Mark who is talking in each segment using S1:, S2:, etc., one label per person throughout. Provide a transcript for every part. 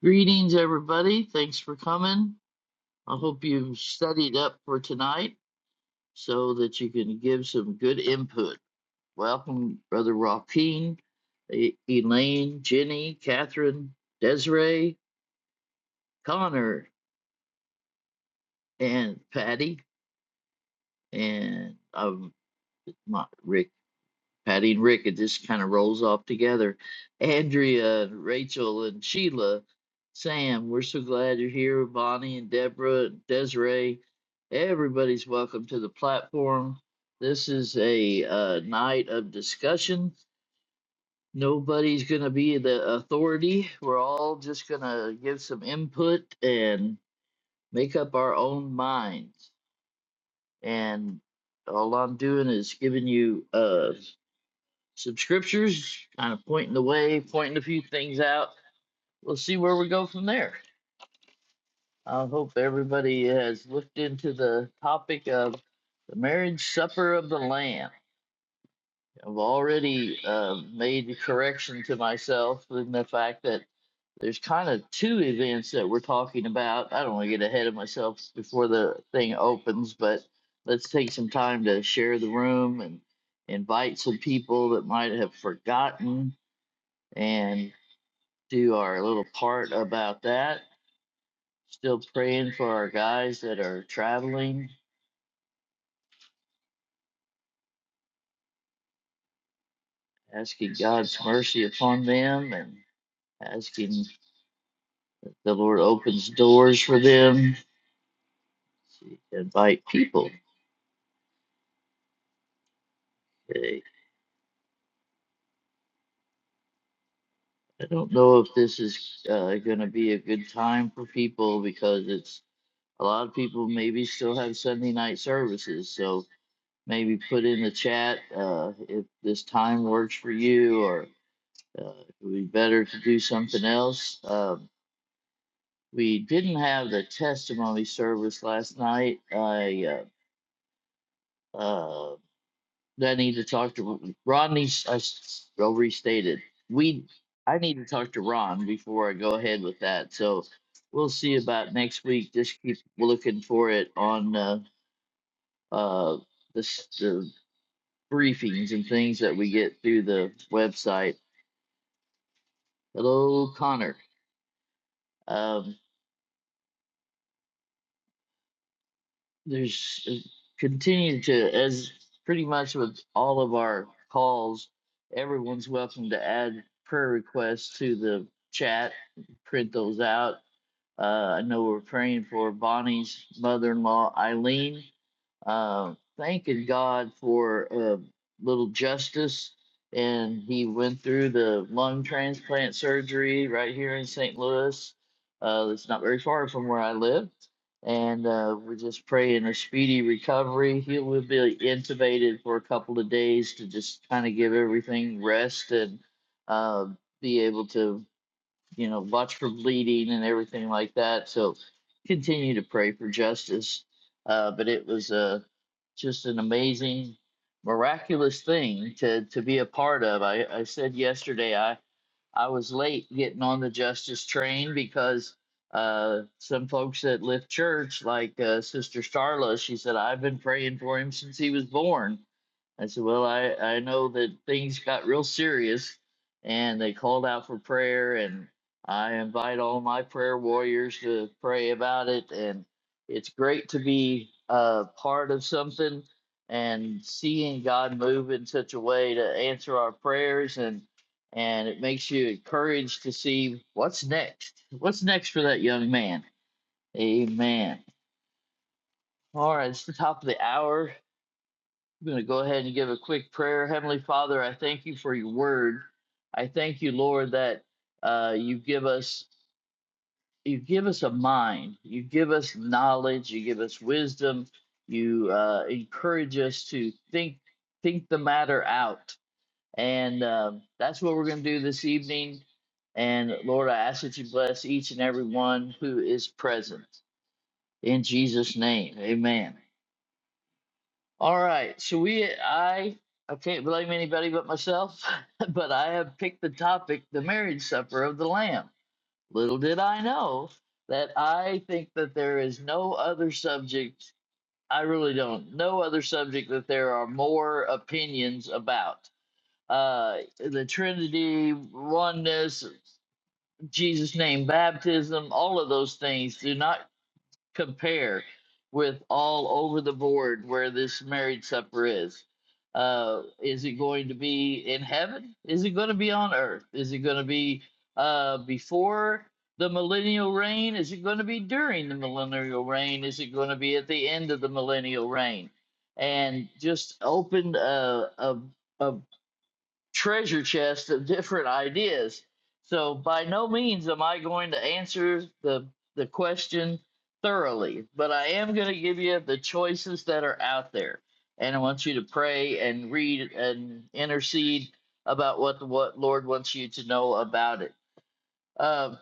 S1: Greetings, everybody. Thanks for coming. I hope you've studied up for tonight so that you can give some good input. Welcome, Brother Joaquin, E- Elaine, Jenny, Catherine, Desiree, Connor, and Patty. And um, Rick Patty and Rick, it just kind of rolls off together. Andrea, and Rachel, and Sheila, Sam, we're so glad you're here. Bonnie and Deborah, and Desiree, everybody's welcome to the platform. This is a uh, night of discussion. Nobody's going to be the authority. We're all just going to give some input and make up our own minds. And all I'm doing is giving you. Uh, some scriptures, kind of pointing the way, pointing a few things out. We'll see where we go from there. I hope everybody has looked into the topic of the marriage supper of the Lamb. I've already uh, made a correction to myself in the fact that there's kind of two events that we're talking about. I don't want to get ahead of myself before the thing opens, but let's take some time to share the room and invite some people that might have forgotten and do our little part about that. Still praying for our guys that are traveling, asking God's mercy upon them and asking that the Lord opens doors for them to invite people. Okay. I don't know if this is uh, going to be a good time for people because it's a lot of people maybe still have Sunday night services. So maybe put in the chat uh, if this time works for you or Uh, it would be better to do something else. Um, we didn't have the testimony service last night. I uh, uh, I need to talk to Rodney. s- I s- I'll restate it. We I need to talk to Ron before I go ahead with that. So we'll see about next week. Just keep looking for it on uh, uh, the, s- the briefings and things that we get through the website. Hello, Connor. Um, there's uh, continue to as pretty much with all of our calls everyone's welcome to add prayer requests to the chat print those out uh, i know we're praying for bonnie's mother-in-law eileen um, thanking God for uh, little Justice, and he went through the lung transplant surgery right here in St. Louis. Uh, it's not very far from where I live, and uh, we're just praying a speedy recovery. He will be intubated for a couple of days to just kind of give everything rest and uh, be able to you know, watch for bleeding and everything like that. So continue to pray for justice. Uh, but it was uh, just an amazing, miraculous thing to, to be a part of. I, I said yesterday I, I was late getting on the justice train because uh, some folks at Lift Church, like uh, Sister Starla, she said, I've been praying for him since he was born I said, Well, I, I know that things got real serious and they called out for prayer, and I invite all my prayer warriors to pray about it. And it's great to be a part of something and seeing God move in such a way to answer our prayers and and it makes you encouraged to see what's next. What's next for that young man? Amen. All right, it's the top of the hour. I'm going to go ahead and give a quick prayer. Heavenly Father, I thank you for your word. I thank you, Lord, that uh, you give us you give us a mind, you give us knowledge, you give us wisdom, you uh, encourage us to think think the matter out, and um that's what we're going to do this evening. And Lord, I ask that you bless each and every one who is present in Jesus' name. Amen. All right, so we I I can't blame anybody but myself, but I have picked the topic the marriage supper of the lamb. Little did I know that I think that there is no other subject I really don't no other subject that there are more opinions about. Uh the Trinity, oneness, Jesus name baptism, all of those things do not compare with all over the board where this marriage supper is. Uh, is it going to be in heaven? Is it going to be on earth? Is it going to be uh, before the millennial reign? Is it going to be during the millennial reign? Is it going to be at the end of the millennial reign? And just opened a a, a, treasure chest of different ideas. So by no means am I going to answer the the question thoroughly, but I am going to give you the choices that are out there, and I want you to pray and read and intercede about what the what Lord wants you to know about it. Um,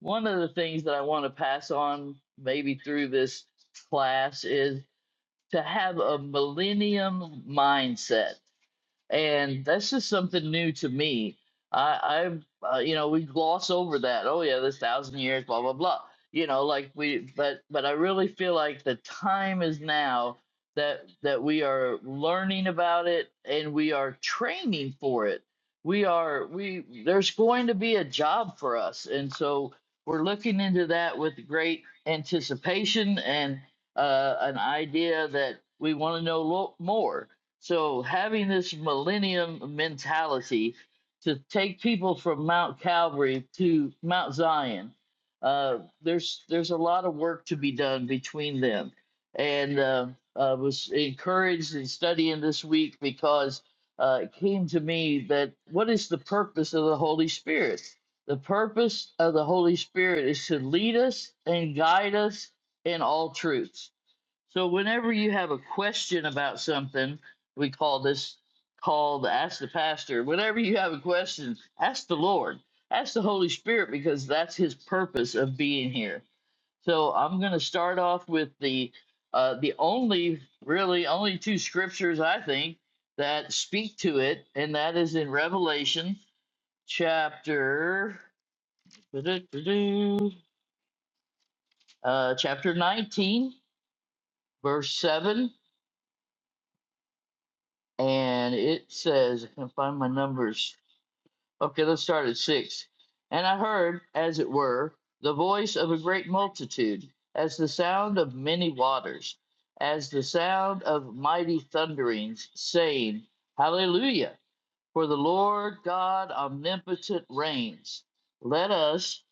S1: one of the things that I want to pass on, maybe through this class, is to have a millennium mindset and that's just something new to me. I, I, uh, you know, we gloss over that. Oh yeah, this thousand years, blah blah blah. You know, like we, but but I really feel like the time is now that that we are learning about it and we are training for it. We are we there's going to be a job for us, and so we're looking into that with great anticipation and uh, an idea that we want to know lo- more so having this millennium mentality to take people from Mount Calvary to Mount Zion, uh, there's there's a lot of work to be done between them, and uh, I was encouraged in studying this week because uh, it came to me that what is the purpose of the Holy Spirit? The purpose of the Holy Spirit is to lead us and guide us in all truth so whenever you have a question about something, we call this call the ask the pastor. Whenever you have a question, ask the Lord, ask the Holy Spirit because that's His purpose of being here. So I'm going to start off with the uh, the only really only two scriptures I think that speak to it, and that is in Revelation chapter uh, chapter 19 verse 7 and it says I can find my numbers. Okay, let's start at six. And I heard, as it were, the voice of a great multitude, as the sound of many waters, as the sound of mighty thunderings, saying, Hallelujah! For the Lord God omnipotent reigns. Let us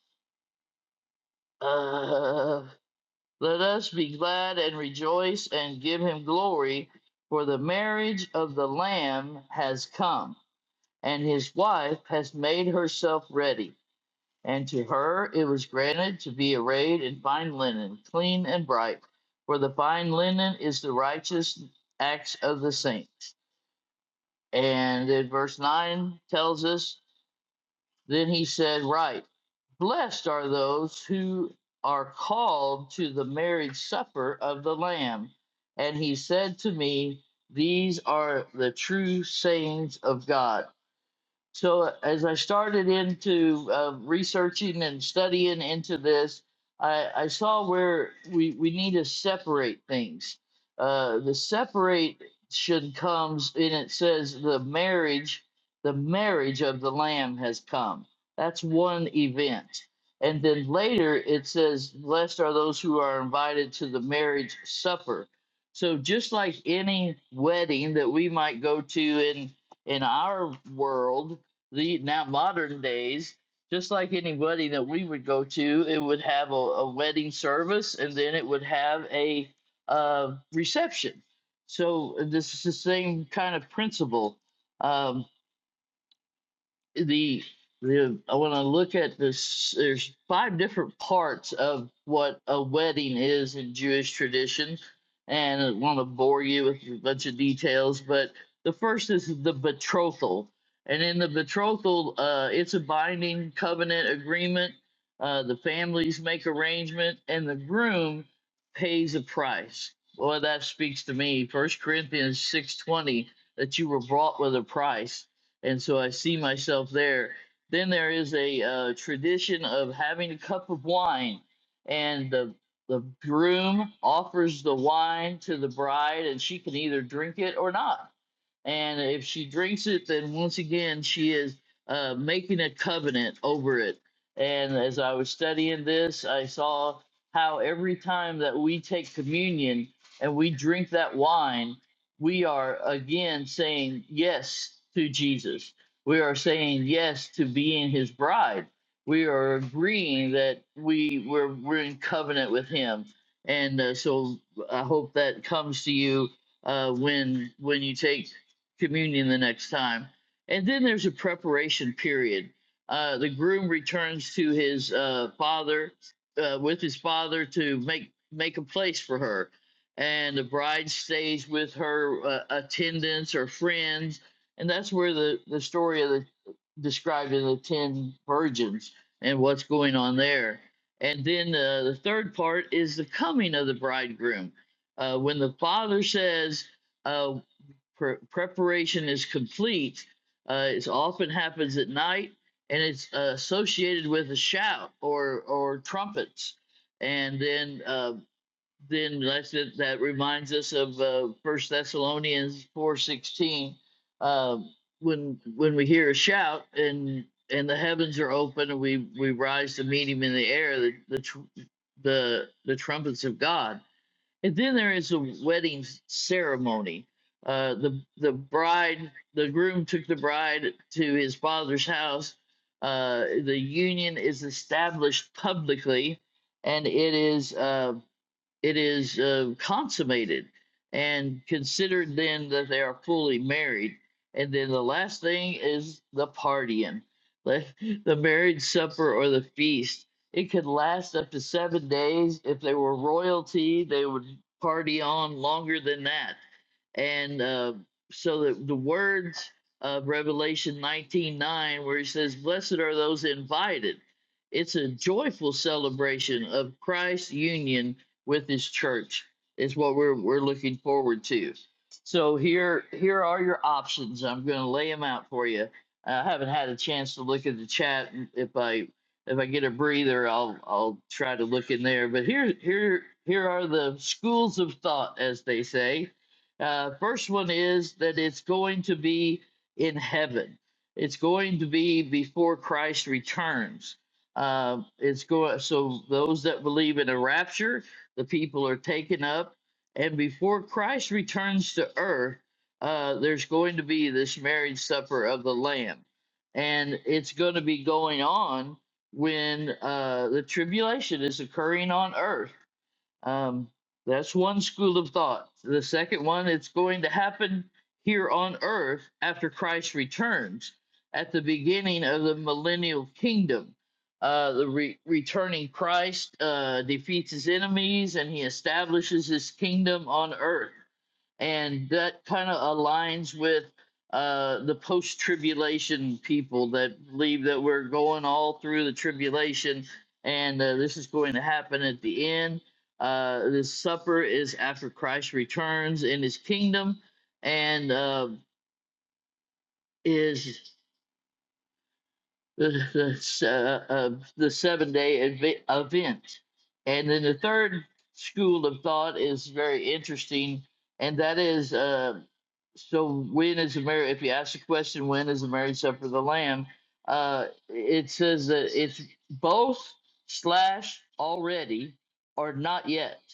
S1: uh, let us be glad and rejoice and give him glory, for the marriage of the Lamb has come and his wife has made herself ready. And to her it was granted to be arrayed in fine linen, clean and bright, for the fine linen is the righteous acts of the saints. And in verse 9 tells us, Then he said, Right, blessed are those who are called to the marriage supper of the Lamb. And he said to me, These are the true sayings of God so as I started into uh, researching and studying into this, I, I saw where we, we need to separate things. Uh, the separation comes, and it says the marriage, the marriage of the Lamb has come. That's one event. And then later it says, Blessed are those who are invited to the marriage supper. So just like any wedding that we might go to in in our world, the now modern days, just like any wedding that we would go to, it would have a, a wedding service and then it would have a uh, reception. So this is the same kind of principle. Um, the the I want to look at this, there's five different parts of what a wedding is in Jewish tradition, and I want to bore you with a bunch of details. But the first is the betrothal, and in the betrothal, uh, it's a binding covenant agreement. Uh, the families make arrangement, and the groom pays a price. Well, that speaks to me. First Corinthians six twenty that you were bought with a price and so I see myself there. Then there is a uh, tradition of having a cup of wine, and the the groom offers the wine to the bride, and she can either drink it or not and if she drinks it, then once again, she is uh, making a covenant over it. And as I was studying this, I saw how every time that we take communion and we drink that wine, we are again saying yes to Jesus. We are saying yes to being his bride. We are agreeing that we, we're, we're in covenant with him. And uh, so I hope that comes to you uh, when when you take communion the next time. And then there's a preparation period. Uh, the groom returns to his uh, father uh, with his father to make make a place for her, and the bride stays with her uh, attendants or friends, and that's where the the story of the described in the ten virgins and what's going on there. And then uh, the third part is the coming of the bridegroom. Uh, when the father says, uh, pre- preparation is complete. Uh, it often happens at night, and it's uh, associated with a shout or or trumpets. And then uh, then that's it, that reminds us of uh, First Thessalonians four sixteen. Um, when when we hear a shout and and the heavens are open and we we rise to meet him in the air, the the tr- the, the trumpets of God and then there is a wedding ceremony. Uh, the the bride, the groom took the bride to his father's house. Uh, the union is established publicly, and it is. Um, it is uh, consummated and considered then that they are fully married. And then the last thing is the partying, the, the marriage supper or the feast. It could last up to seven days. If they were royalty, they would party on longer than that and uh, so the, the words of revelation 19 9, where he says blessed are those invited it's a joyful celebration of christ's union with his church is what we're, we're looking forward to so here here are your options i'm going to lay them out for you i haven't had a chance to look at the chat if i if i get a breather i'll i'll try to look in there but here here here are the schools of thought as they say uh, first one is that it's going to be in heaven. It's going to be before Christ returns. Uh, it's going so those that believe in a rapture, the people are taken up, and before Christ returns to earth, uh, there's going to be this marriage supper of the Lamb, and it's going to be going on when uh, the tribulation is occurring on earth um, that's one school of thought. The second one, it's going to happen here on earth after Christ returns at the beginning of the millennial kingdom. Uh, the re- returning Christ uh, defeats his enemies and he establishes his kingdom on earth. And that kind of aligns with uh, the post tribulation people that believe that we're going all through the tribulation and uh, this is going to happen at the end uh, the supper is after Christ returns in his kingdom and uh, is the, uh, uh, the seven day ev- event. And then the third school of thought is very interesting, and that is uh, so when is the marriage? If you ask the question, when is the marriage supper of the Lamb? Uh, it says that it's both slash already or not yet.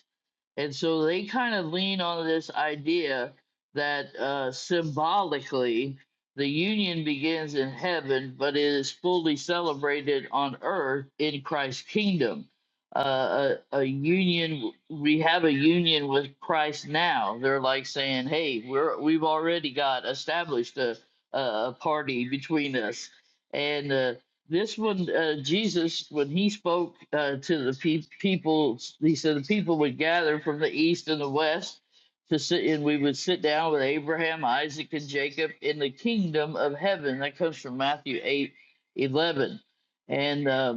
S1: And so they kind of lean on this idea that uh, symbolically the union begins in heaven, but it is fully celebrated on earth in Christ's kingdom. Uh, a, a union, we have a union with Christ now. They're like saying, "Hey, we're we've already got established a a a party between us," and uh, this one, uh, Jesus, when he spoke uh, to the pe- people, he said the people would gather from the east and the west to sit, and we would sit down with Abraham, Isaac, and Jacob in the kingdom of heaven. That comes from Matthew eight eleven, and um,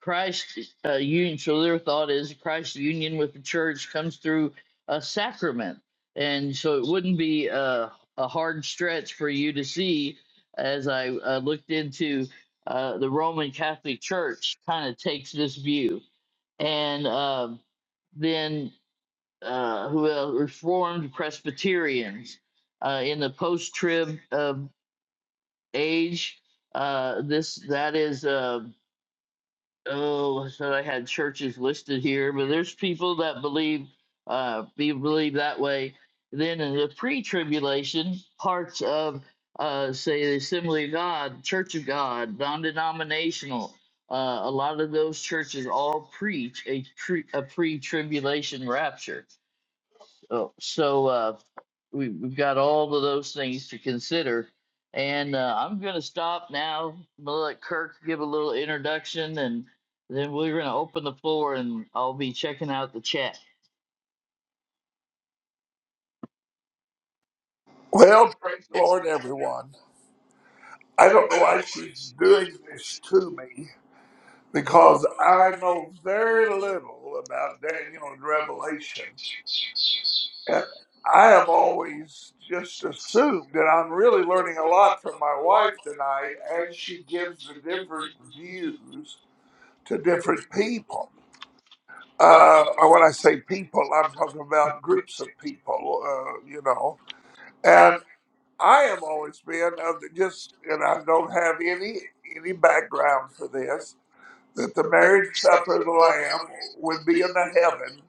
S1: Christ uh, union. So their thought is Christ's union with the church comes through a sacrament, and so it wouldn't be a, a hard stretch for you to see as I uh, looked into uh, the Roman Catholic Church kind of takes this view, and um then uh, who else? Reformed Presbyterians uh, in the post-trib uh, age. Uh, this that is. Uh, oh, I said I had churches listed here, but there's people that believe, uh, be believe that way. Then in the pre-tribulation parts of, uh, say the Assembly of God, Church of God, non-denominational, uh, a lot of those churches all preach a, tri- a pre-tribulation rapture Oh, so uh, we, we've got all of those things to consider. And uh, I'm going to stop now. I'm going to let Kirk give a little introduction, and then we're going to open the floor, and I'll be checking out the chat.
S2: Well, Lord, everyone, I don't know why she's doing this to me because I know very little about Daniel and Revelation. And I have always just assumed, and I'm really learning a lot from my wife tonight as she gives the different views to different people. Uh, or when I say people, I'm talking about groups of people, uh, you know. I have always been of the just, and I don't have any any background for this, that the marriage supper of the Lamb would be in the heaven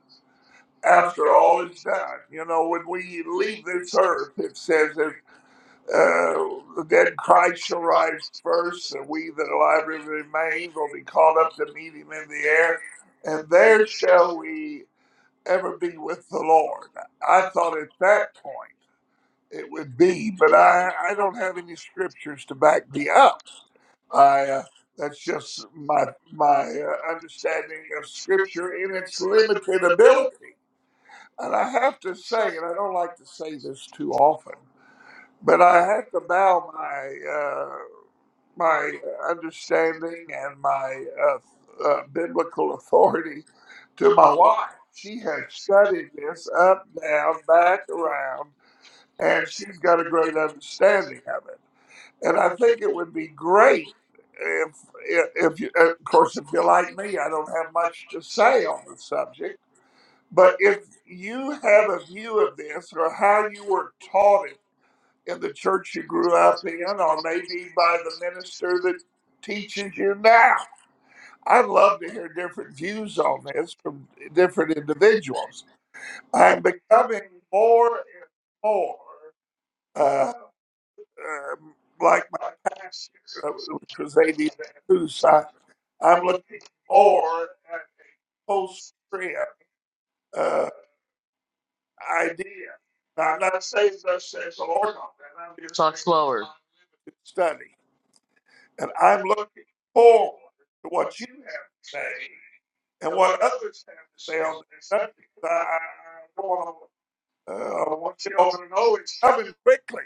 S2: after all is done. You know, when we leave this earth, it says that uh, the Christ shall rise first, and we that alive and remain will be caught up to meet him in the air, and there shall we ever be with the Lord. I thought at that point it would be, but I, I don't have any scriptures to back me up. I uh, that's just my my uh, understanding of scripture in its limited ability. And I have to say, and I don't like to say this too often, but I have to bow my uh, my understanding and my uh, uh, biblical authority to my wife. She has studied this up, down, back, around and she's got a great understanding of it. And I think it would be great if, if you, of course, if you're like me, I don't have much to say on the subject. But if you have a view of this or how you were taught it in the church you grew up in, or maybe by the minister that teaches you now, I'd love to hear different views on this from different individuals. I'm becoming more and more uh, um, like. because they need to do. So I, I'm looking for post trip uh, ideas. I'm not going
S1: Talk slower.
S2: to study, and I'm looking forward to what you say and what others say on the subject. I, I don't want to uh, you know, it's coming quickly.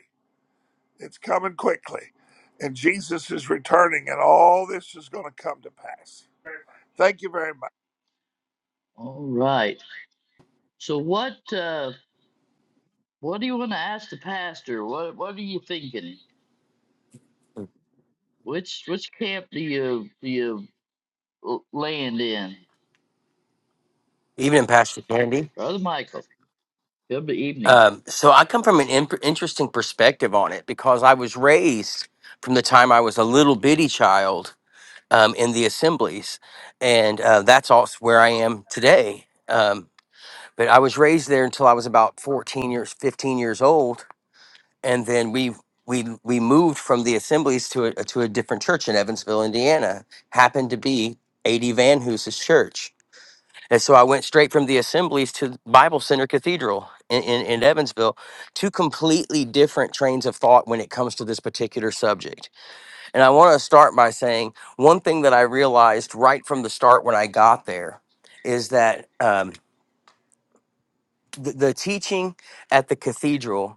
S2: It's coming quickly, and Jesus is returning, and all this is going to come to pass. Thank you very much.
S1: All right. So what uh, what do you want to ask the pastor? What what are you thinking? Which which camp do you do you l- land in,
S3: Even in Pastor Candy.
S1: Brother Michael? Good evening.
S3: Um, so I come from an imp- interesting perspective on it because I was raised from the time I was a little bitty child um, in the assemblies, and uh, that's also where I am today. Um, but I was raised there until I was about fourteen years, fifteen years old, and then we we we moved from the assemblies to a to a different church in Evansville, Indiana. Happened to be A.D. Van Hoose's church, And so I went straight from the assemblies to Bible Center Cathedral in, in, in Evansville, two completely different trains of thought when it comes to this particular subject. And I want to start by saying one thing that I realized right from the start when I got there is that um, the, the teaching at the cathedral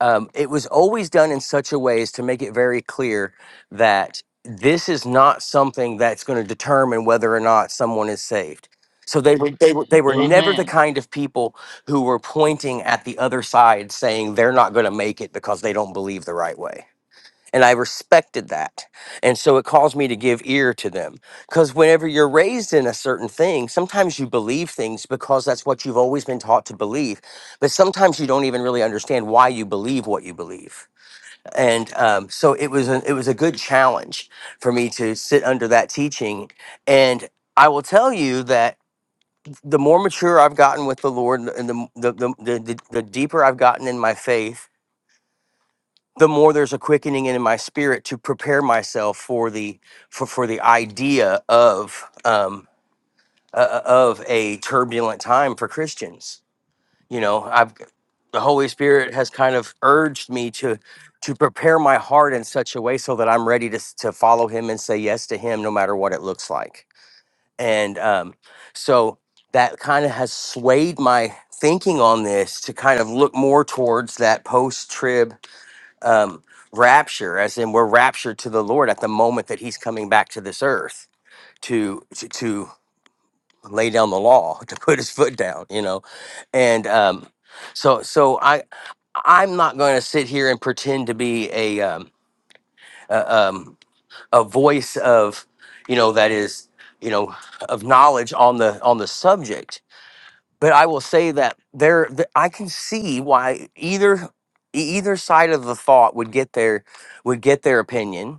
S3: um, it was always done in such a way as to make it very clear that this is not something that's going to determine whether or not someone is saved. So they were, they were they were
S1: Right.
S3: never the
S1: Amen.
S3: kind of people who were pointing at the other side saying they're not going to make it because they don't believe the right way. And I respected that. And so it caused me to give ear to them. Because whenever you're raised in a certain thing, sometimes you believe things because that's what you've always been taught to believe. But sometimes you don't even really understand why you believe what you believe. And um, so it was a, it was a good challenge for me to sit under that teaching. And I will tell you that the more mature I've gotten with the Lord and the, the, the, the the deeper I've gotten in my faith, the more there's a quickening in my spirit to prepare myself for the for, for the idea of um uh, uh, of a turbulent time for Christians. You know, I've the Holy Spirit has kind of urged me to to prepare my heart in such a way so that I'm ready to s- to follow Him and say yes to Him no matter what it looks like. And um, so that kind of has swayed my thinking on this to kind of look more towards that post trib um, rapture, as in we're raptured to the Lord at the moment that He's coming back to this earth to to, to lay down the law, to put His foot down, you know, and um, so so I I'm not going to sit here and pretend to be a um, a, um, a voice of you know that is you know of knowledge on the on the subject. But I will say that there, th- I can see why either e- either side of the thought would get their would get their opinion,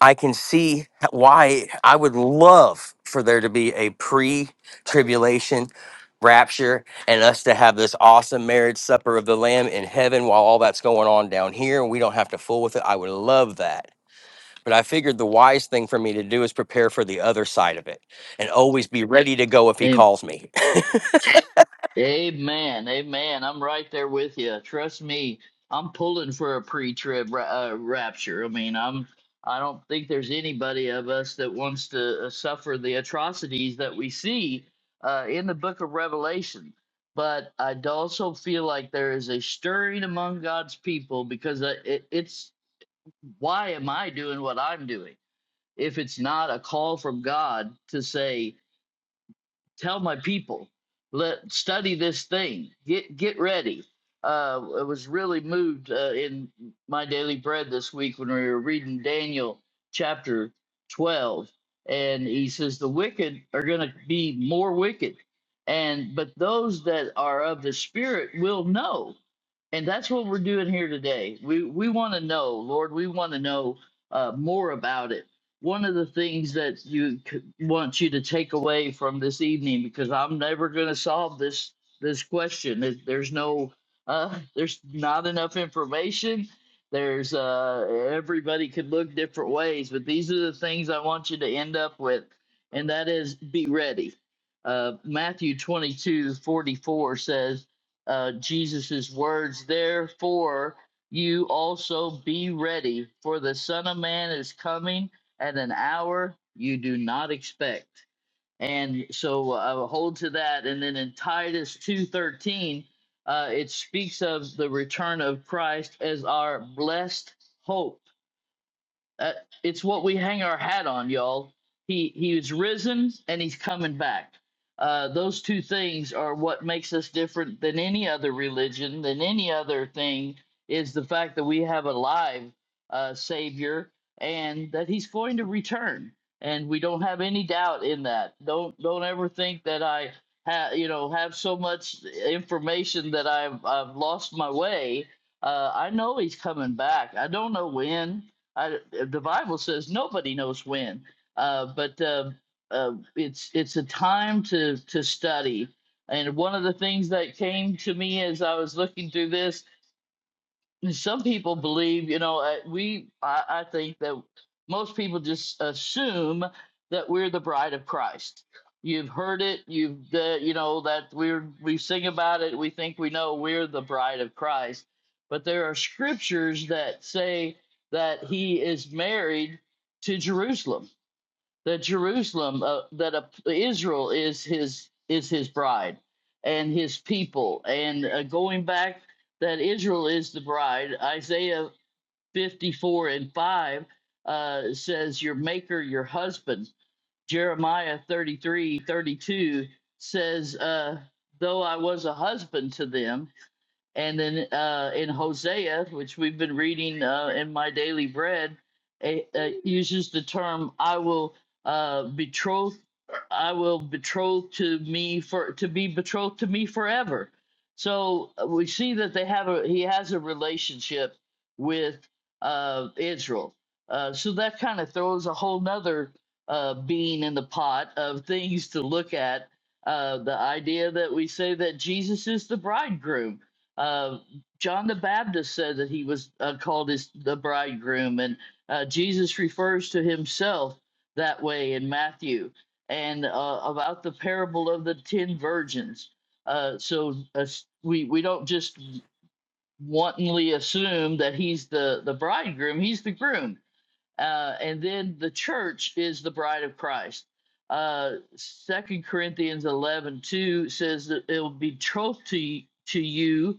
S3: I can see why I would love for there to be a pre tribulation rapture and us to have this awesome marriage supper of the Lamb in heaven while all that's going on down here and we don't have to fool with it. I would love that. But I figured the wise thing for me to do is prepare for the other side of it and always be ready to go if he
S1: A-
S3: calls me.
S1: Amen. Amen. I'm right there with you. Trust me. I'm pulling for a pre-trib ra- uh, rapture. I mean, I'm. I don't think there's anybody of us that wants to uh, suffer the atrocities that we see uh, in the Book of Revelation. But I d- also feel like there is a stirring among God's people because uh, it, it's why am I doing what I'm doing? If it's not a call from God to say, tell my people let study this thing get get ready uh i was really moved uh, in my daily bread this week when we were reading daniel chapter 12 and he says the wicked are going to be more wicked and but those that are of the spirit will know and that's what we're doing here today we we want to know lord we want to know uh, more about it one of the things that you c- want you to take away from this evening because i'm never going to solve this this question There- there's no uh there's not enough information there's uh everybody could look different ways but these are the things i want you to end up with and that is be ready uh matthew 22 44 says uh jesus's words therefore you also be ready for the son of man is coming at an hour you do not expect. And so I will hold to that. And then in Titus 2.13, uh, it speaks of the return of Christ as our blessed hope. Uh, it's what we hang our hat on, y'all. He he was risen and he's coming back. Uh, those two things are what makes us different than any other religion, than any other thing, is the fact that we have a live uh, Savior and that He's going to return, and we don't have any doubt in that. Don't don't ever think that I ha- you know have so much information that I've I've lost my way. Uh, I know He's coming back. I don't know when. I, the Bible says nobody knows when, uh, but uh, uh, it's it's a time to to study. And one of the things that came to me as I was looking through this and some people believe, you know, uh, we, I, I think that most people just assume that we're the bride of Christ. You've heard it, you've, uh, you know, that we're, we sing about it, we think we know we're the bride of Christ. But there are scriptures that say that he is married to Jerusalem that Jerusalem, uh, that uh, Israel is his is his bride and his people, and uh, going back that Israel is the bride. Isaiah fifty four and five uh, says, "Your Maker, your husband." Jeremiah 33 32 says, uh, "Though I was a husband to them." And then uh, in Hosea, which we've been reading uh, in my daily bread, it uh, uses the term "I will uh, betroth, I will betroth to me for to be betrothed to me forever." So uh, we see that they have a he has a relationship with uh, Israel. Uh, so that kind of throws a whole nother uh, bean in the pot of things to look at. Uh, the idea that we say that Jesus is the bridegroom uh, John the Baptist said that he was uh, called his the bridegroom, and uh, Jesus refers to himself that way in Matthew and uh, about the parable of the ten virgins. Uh, so uh, we we don't just wantonly assume that he's the the bridegroom; he's the groom. Uh, and then the church is the bride of Christ uh second corinthians eleven two says that it will be betrothed to, to you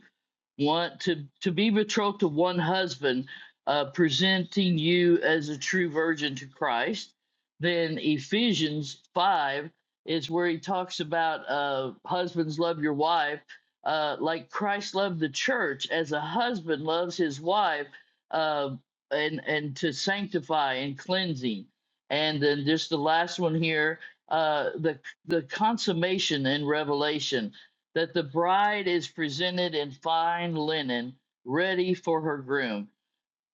S1: Want to to be betrothed to one husband uh, presenting you as a true virgin to christ then ephesians 5 is where he talks about uh, husbands love your wife uh, like christ loved the church as a husband loves his wife uh, and and to sanctify and cleansing and then just the last one here uh, the the consummation and revelation that the bride is presented in fine linen, ready for her groom,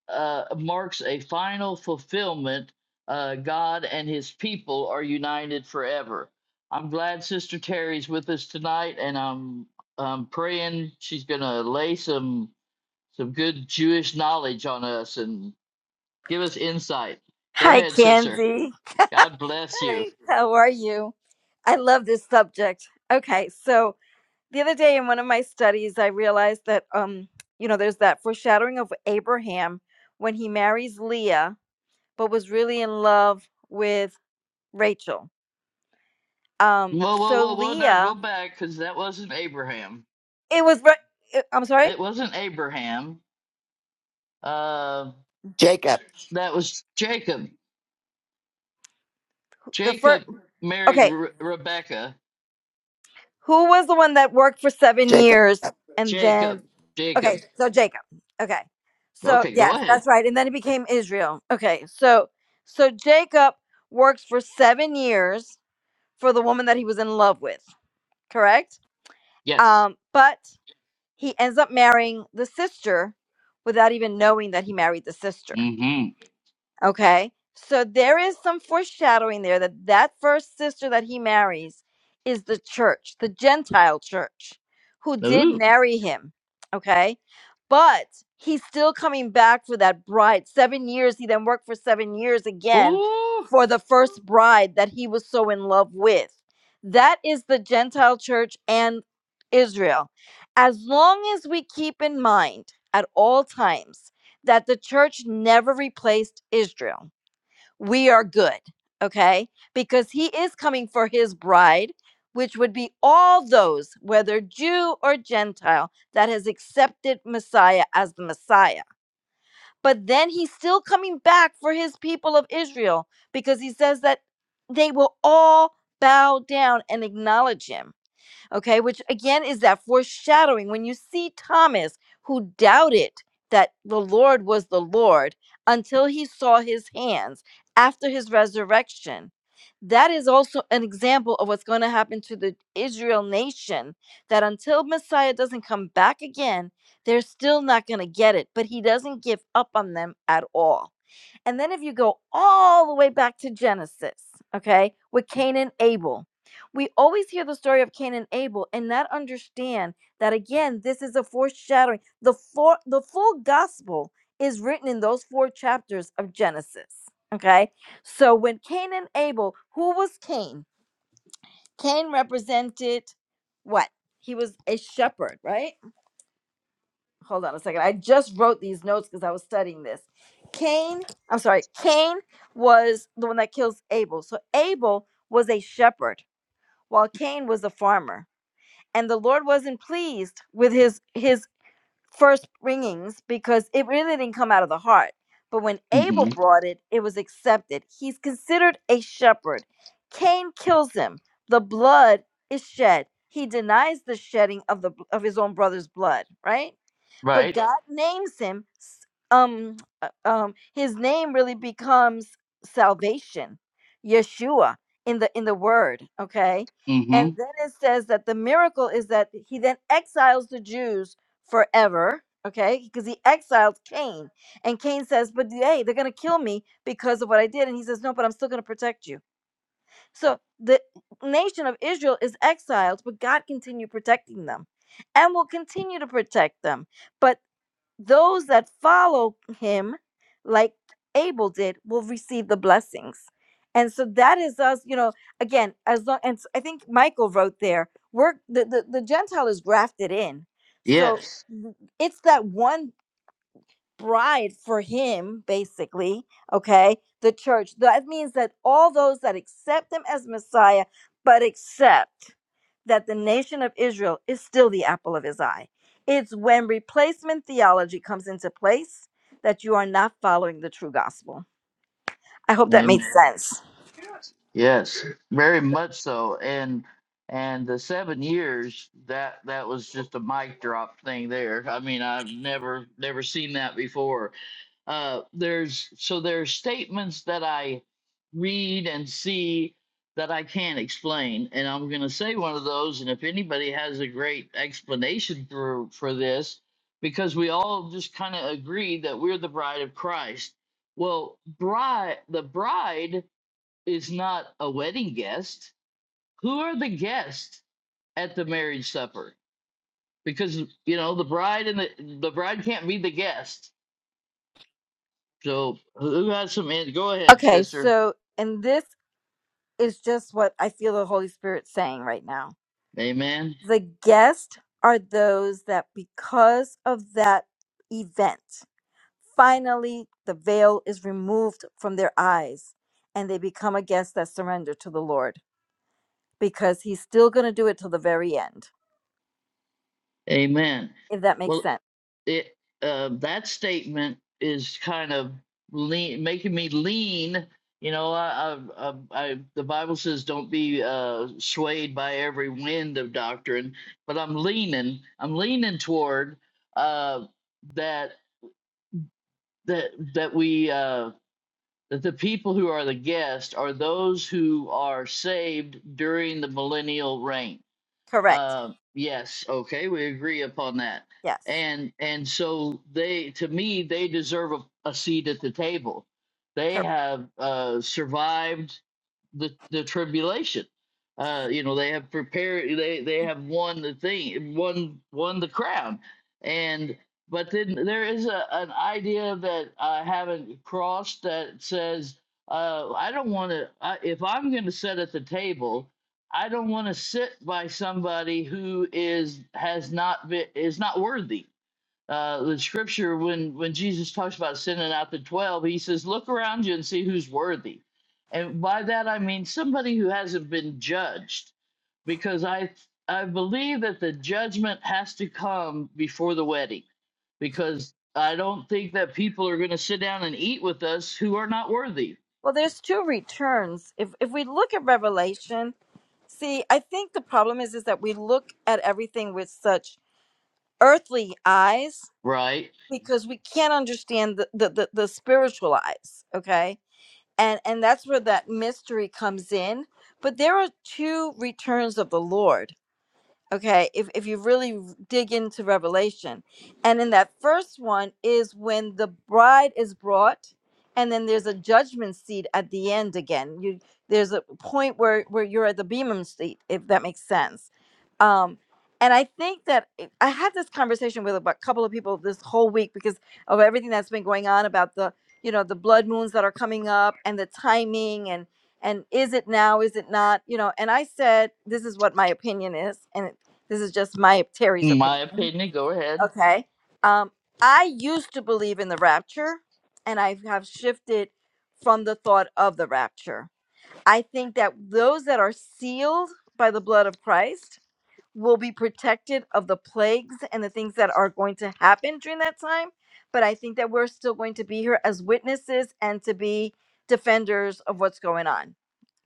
S1: uh, marks a final fulfillment. Uh, God and his people are united forever. I'm glad Sister Terry's with us tonight, and I'm, I'm praying she's going to lay some some good Jewish knowledge on us and give us insight. Go
S4: Hi,
S1: ahead, sister.
S4: Candy.
S1: God bless you.
S4: Hi, how are you? I love this subject. Okay, so the other day in one of my studies, I realized that, um, you know, there's that foreshadowing of Abraham when he marries Leah, but was really in love with Rachel. Um,
S1: Whoa, whoa,
S4: so
S1: whoa, whoa! Now go
S4: Leah,
S1: back, because that wasn't Abraham.
S4: it was, Ra- uh, I'm sorry,
S1: It wasn't Abraham. Uh,
S5: Jacob.
S1: that was Jacob.
S4: the first,
S1: Jacob married
S4: okay,
S1: Re- Rebecca.
S4: who was the one that worked for seven
S5: Jacob.
S4: years and then
S1: Jacob.
S4: Okay,
S1: Jacob.
S4: so Jacob. Okay. So
S1: Okay, go
S4: yes,
S1: ahead.
S4: that's right. And then it became Israel. Okay. So so Jacob works for 7 years for the woman that he was in love with, correct?
S1: Yes.
S4: Um but he ends up marrying the sister without even knowing that he married the sister.
S1: Mm-hmm.
S4: Okay. So there is some foreshadowing there that that first sister that he marries is the church, the Gentile church, who did
S1: Ooh.
S4: marry him. Okay. But he's still coming back for that bride. Seven years. He then worked for seven years again
S1: Ooh.
S4: for the first bride that he was so in love with. That is the Gentile church and Israel. As long as we keep in mind at all times that the church never replaced Israel. We are good, okay? Because he is coming for his bride, which would be all those, whether Jew or Gentile, that has accepted Messiah as the Messiah. But then he's still coming back for his people of Israel because he says that they will all bow down and acknowledge him okay, which again is that foreshadowing. When you see Thomas, who doubted that the Lord was the Lord until he saw his hands after his resurrection, that is also an example of what's going to happen to the Israel nation. That until Messiah doesn't come back again, they're still not going to get it, but he doesn't give up on them at all. And then if you go all the way back to Genesis, okay, with Cain and Abel, we always hear the story of Cain and Abel and not understand that again, this is a foreshadowing. The for, the full gospel is written in those four chapters of Genesis. Okay. So when Cain and Abel, who was Cain? Cain represented what? He was a shepherd, right? hold on a second. I just wrote these notes because I was studying this. Cain, I'm sorry, Cain was the one that kills Abel. So Abel was a shepherd, while Cain was a farmer. And the Lord wasn't pleased with his his first bringings because it really didn't come out of the heart. But when Abel
S1: Mm-hmm.
S4: brought it, it was accepted. He's considered a shepherd. Cain kills him. The blood is shed. He denies the shedding of the of his own brother's blood, right? but
S1: Right.
S4: God names him s- um uh, um his name really becomes salvation Yeshua in the in the word okay and
S1: Mm-hmm.
S4: then it says that the miracle is that he then exiles the Jews forever okay because he exiled Cain and Cain says but hey they're going to kill me because of what I did and he says no but I'm still going to protect you so the nation of Israel is exiled but God continued protecting them and will continue to protect them But those that follow him, like Abel did, will receive the blessings. And so that is us, you know, again, as long, and s- I think Michael wrote there, we're the, the, the Gentile is grafted in. So
S1: Yes.
S4: w- it's that 1% bride for him, basically, okay, the church. That means that all those that accept him as Messiah, but accept that the nation of Israel is still the apple of his eye. It's when replacement theology comes into place that you are not following the true gospel. I hope that
S1: And
S4: made sense.
S1: yes. Very much so. And and the seven years that that was just a mic drop thing there. I mean, I've never never seen that before uh, there's so there are statements that I read and see that I can't explain, and I'm going to say one of those. And if anybody has a great explanation for for this, because we all just kind of agree that we're the bride of Christ. Well, bride, the bride is not a wedding guest. Who are the guests at the marriage supper? Because you know the bride and the the bride can't be the guest So who has some? in- Go ahead,
S4: Okay,
S1: sister.
S4: so, and this is just what I feel the Holy Spirit saying right now.
S1: Amen.
S4: The guests are those that, because of that event, Finally, the veil is removed from their eyes and they become a guest that surrender to the Lord because he's still going to do it till the very end,
S1: Amen.
S4: if that makes
S1: Well,
S4: sense.
S1: it uh, that statement is kind of lean, making me lean. You know, I, I, I, I the Bible says don't be uh, swayed by every wind of doctrine, but I'm leaning. I'm leaning toward uh, that that that we uh, that the people who are the guests are those who are saved during the millennial reign
S4: Correct.
S1: Uh, yes, okay, we agree upon that.
S4: Yes.
S1: And and so they, to me, they deserve a, a seat at the table. They
S4: Correct.
S1: have uh, survived the, the tribulation. Uh, you know, they have prepared they they have won the thing won won the crown. And but then there is a, an idea that I haven't crossed that says uh, I don't want to if I'm going to sit at the table, I don't want to sit by somebody who is has not been is not worthy uh, the scripture when when Jesus talks about sending out the twelve, he says, "Look around you and see who's worthy." And by that I mean somebody who hasn't been judged, because I I believe that the judgment has to come before the wedding, because I don't think that people are going to sit down and eat with us who are not worthy,
S4: Well, there's two returns. If if we look at Revelation, see, I think the problem is is that we look at everything with such earthly eyes
S1: right?
S4: because we can't understand the the the, the spiritual eyes. Okay and and that's where that mystery comes in but there are two returns of the lord okay if, if you really r- dig into revelation and in that first one is when the bride is brought and then there's a judgment seat at the end again you there's a point where where you're at the beamum seat if that makes sense um and i think that it- i had this conversation with a couple of people this whole week because of everything that's been going on about the you know the blood moons that are coming up and the timing and and is it now is it not you know and i said this is what my opinion is and this is just my Terry's
S1: In my
S4: opinion.
S1: opinion. Go ahead.
S4: Okay. Um, I used to believe in the rapture, and I have shifted from the thought of the rapture. I think that those that are sealed by the blood of Christ will be protected of the plagues and the things that are going to happen during that time. But I think that we're still going to be here as witnesses and to be defenders of what's going on.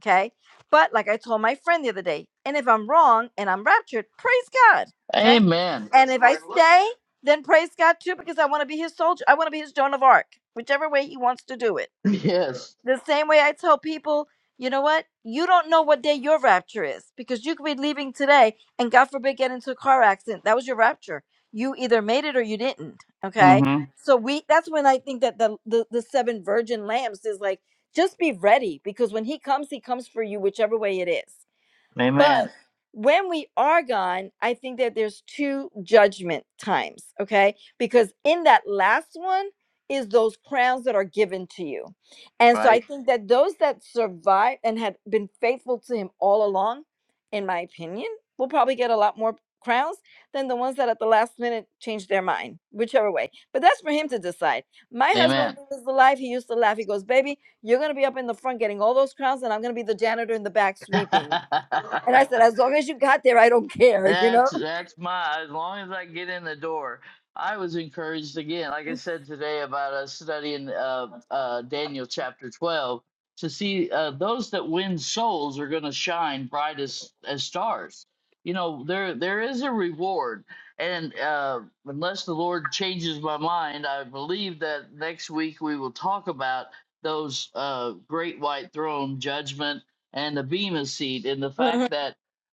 S4: Okay. But like I told my friend the other day, and if I'm wrong and I'm raptured, praise God. Okay.
S1: Amen.
S4: And
S1: That's
S4: if
S1: the
S4: I
S1: way to look
S4: stay,
S1: at.
S4: then praise God too, because I want to be his soldier. I want to be his Joan of Arc, whichever way he wants to do it
S1: it. Yes.
S4: the same way I tell people, you know what? You don't know what day your rapture is because you could be leaving today and God forbid get into a car accident. That was your rapture. You either made it or you didn't. Okay.
S1: Mm-hmm.
S4: So we that's when I think that the the, the seven virgin lambs is like just be ready because when he comes, he comes for you, whichever way it is. But
S1: Amen.
S4: when we are gone, I think that there's two judgment times, okay? Because in that last one is those crowns that are given to you. And so I
S1: Right.
S4: think that those that survive and had been faithful to him all along, in my opinion, will probably get a lot more crowns than the ones that at the last minute changed their mind, whichever way. But that's for him to decide. My husband,
S1: Amen.
S4: when he was alive, he used to laugh. He goes, Baby, you're going to be up in the front getting all those crowns, and I'm going to be the janitor in the back sweeping. And I said, as long as you got there, I don't care, you know?
S1: That's that's my as long as I get in the door. I was encouraged again, like I said today, about us studying uh, uh, Daniel chapter twelve to see uh, those that win souls are going to shine bright as, as stars. You know, there there is a reward, and uh, unless the Lord changes my mind, I believe that next week we will talk about those uh, great white throne judgment and the Bema seat, and the
S4: Mhm.
S1: fact that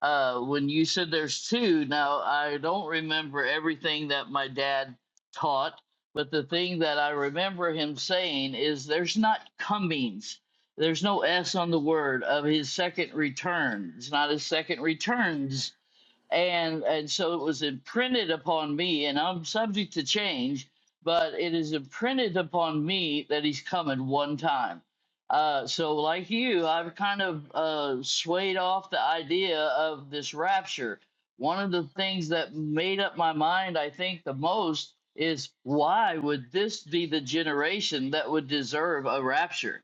S1: uh, when you said there's two, now I don't remember everything that my dad taught, but the thing that I remember him saying is there's not comings. There's no S on the word of his second return. It's not his second returns and and so it was imprinted upon me and i'm subject to change but it is imprinted upon me that he's coming one time uh, so like you i've kind of uh, swayed off the idea of this rapture one of the things that made up my mind i think the most is why would this be the generation that would deserve a rapture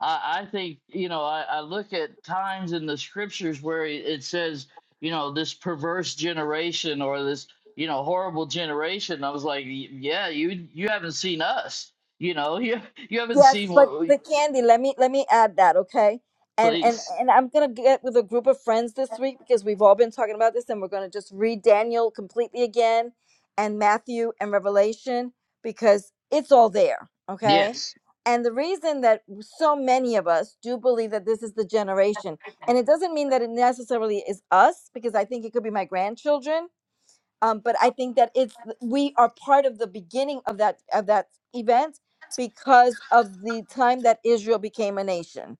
S1: I, I think you know I, I look at times in the scriptures where it it says you know this perverse generation or this you know horrible generation i was like "Y- yeah you you haven't seen us you know you you haven't seen
S4: Yes, but
S1: what we
S4: the candy, let me let me add that, okay? And and
S1: please
S4: and I'm gonna get with a group of friends this week because we've all been talking about this, and we're gonna just read Daniel completely again, and Matthew and Revelation because it's all there, okay?
S1: yes
S4: And the reason that so many of us do believe that this is the generation, and it doesn't mean that it necessarily is us, because I think it could be my grandchildren, um, but I think that it's we are part of the beginning of that of that event because of the time that Israel became a nation.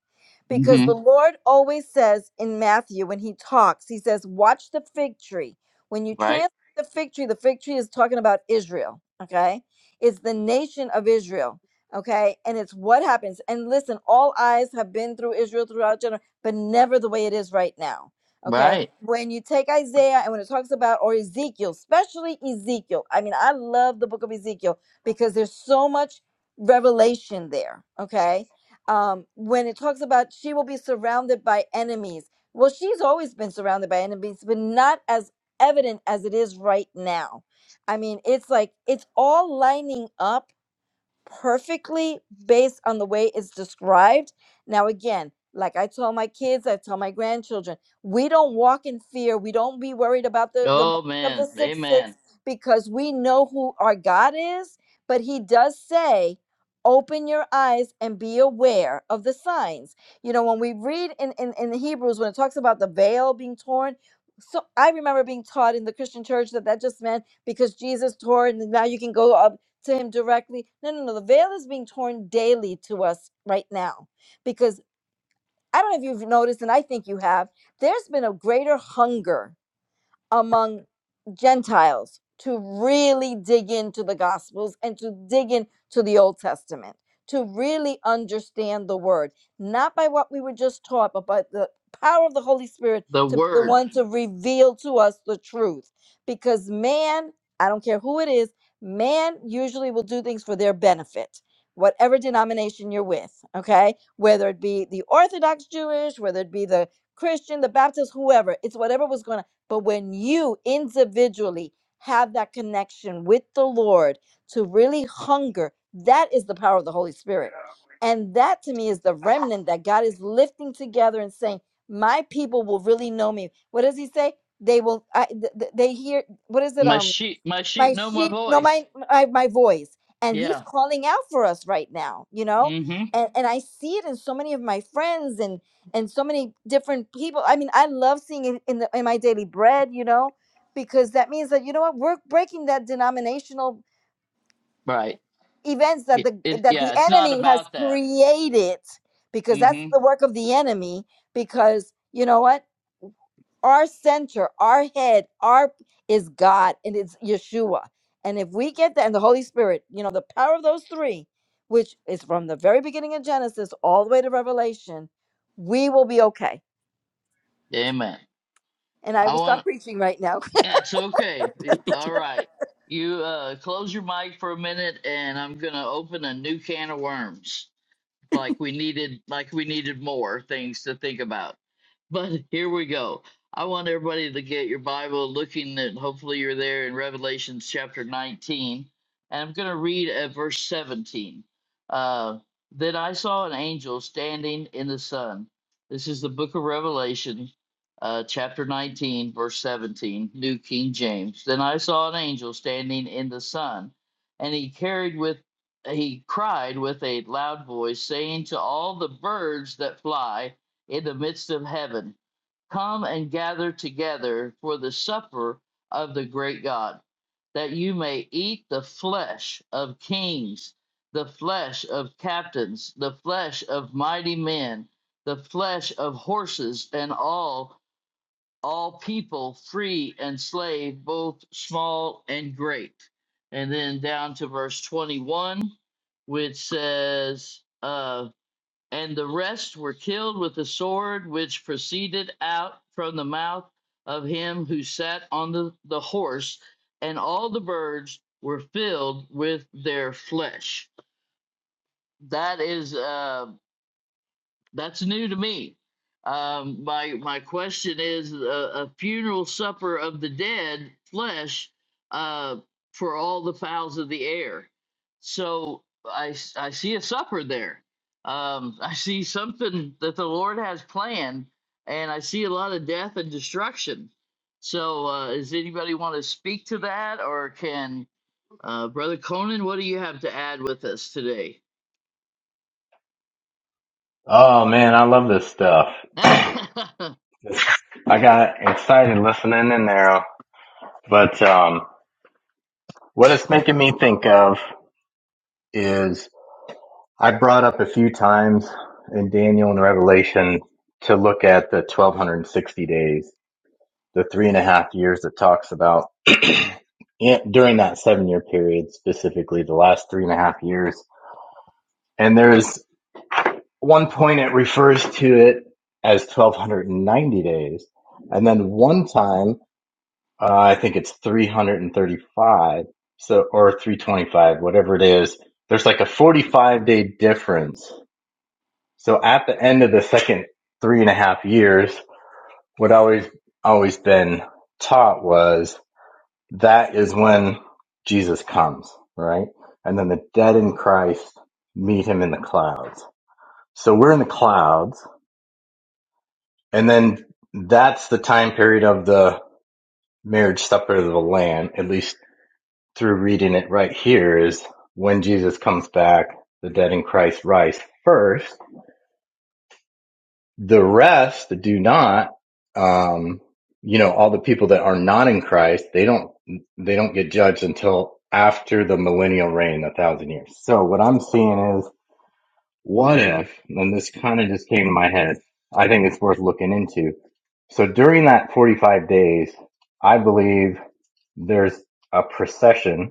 S4: Because the
S1: mm-hmm.
S4: Lord always says in Matthew when he talks, he says, "Watch the fig tree." When you
S1: right
S4: translate the fig tree, the fig tree is talking about Israel. Okay, it's the nation of Israel. Okay, and it's what happens. And listen, all eyes have been through Israel throughout general, but never the way it is right now Okay.
S1: right
S4: When you take Isaiah and when it talks about, or Ezekiel, especially Ezekiel, I mean, I love the book of Ezekiel because there's so much revelation there. Okay. Um, when it talks about she will be surrounded by enemies, well, she's always been surrounded by enemies, but not as evident as it is right now. I mean, it's like it's all lining up perfectly based on the way it's described. Now, again, like I tell my kids, I tell my grandchildren, we don't walk in fear. We don't be worried about the, the mark
S1: oh
S4: of the
S1: man
S4: six six
S1: amen
S4: because we know who our God is. But he does say, open your eyes and be aware of the signs. You know, when we read in, in, in Hebrews, when it talks about the veil being torn, so I remember being taught in the Christian church that that just meant because Jesus tore, and now you can go to him directly. No, no, no. The veil is being torn daily to us right now because I don't know if you've noticed, and I think you have, there's been a greater hunger among Gentiles to really dig into the Gospels and to dig into the Old Testament, to really understand the Word, not by what we were just taught, but by the power of the Holy Spirit
S1: the
S4: to be the
S1: word
S4: one to reveal to us the truth. Because man, I don't care who it is, man usually will do things for their benefit. Whatever denomination you're with, okay? Whether it be the Orthodox Jewish, whether it be the Christian, the Baptist, whoever, it's whatever was going to but when you individually have that connection with the Lord to really hunger, that is the power of the Holy Spirit. And that to me is the remnant that God is lifting together and saying, My people will really know me. What does he say? They will, I, th- th- they hear, what is it?
S1: my
S4: um,
S1: sheep my sheep
S4: my
S1: know my
S4: sheep know
S1: voice
S4: my, my my voice and he's
S1: yeah
S4: calling out for us right now you know
S1: mm-hmm
S4: and and i see it in so many of my friends and and so many different people i mean i love seeing it in the, in my daily bread you know because that means that you know what we're breaking that denominational
S1: right
S4: events that
S1: it,
S4: the
S1: it
S4: that the
S1: yeah it's not
S4: enemy has
S1: about that
S4: created because that's
S1: mm-hmm
S4: the work of the enemy because you know what our center, our head, our is God and it's Yeshua. And if we get that and the Holy Spirit, you know, the power of those three, which is from the very beginning of Genesis all the way to Revelation, we will be okay.
S1: amen
S4: And I
S1: i
S4: will
S1: want
S4: stop preaching right now.
S1: That's okay. Y- All right. You uh, close your mic for a minute, and I'm going to open a new can of worms like we needed like we needed more things to think about but here we go i want everybody to get your bible looking at hopefully you're there in revelations chapter 19 and i'm going to read at verse 17 uh, then i saw an angel standing in the sun this is the book of revelation uh, chapter 19 verse 17 new king james then i saw an angel standing in the sun and he carried with he cried with a loud voice, saying to all the birds that fly in the midst of heaven, Come and gather together for the supper of the great God, that you may eat the flesh of kings, the flesh of captains, the flesh of mighty men, the flesh of horses, and all all people, free and slave, both small and great. And then down to verse 21, which says, uh, And the rest were killed with the sword which proceeded out from the mouth of him who sat on the, the horse, and all the birds were filled with their flesh. That is. uh, that's new to me. Um, my my question is a, a funeral supper of the dead flesh uh, for all the fowls of the air. So I s- I see a supper there. Um, I see something that the Lord has planned, and I see a lot of death and destruction. So uh, does anybody want to speak to that, or can uh, Brother Conan? What do you have to add with us today?
S6: Oh man, I love this stuff. I got excited listening in there. But um, what it's making me think of is I brought up a few times in Daniel and Revelation to look at the 1260 days, the three and a half years it talks about in- during that seven year period, specifically the last three and a half years. And there's one point it refers to it as 1290 days. And then one time Uh, I think it's 335, so or 325, whatever it is. There's like a 45 day difference. So at the end of the second three and a half years, what always always been taught was that is when Jesus comes, right? And then the dead in Christ meet him in the clouds. So we're in the clouds, and then that's the time period of the marriage supper of the Lamb, at least through reading it right here is when Jesus comes back, the dead in Christ rise first. The rest do not. Um, you know, all the people that are not in Christ, they don't they don't get judged until after the millennial reign, a thousand years. So what I'm seeing is, what if? And this kind of just came to my head. I think it's worth looking into. So during that 45 days, I believe there's a procession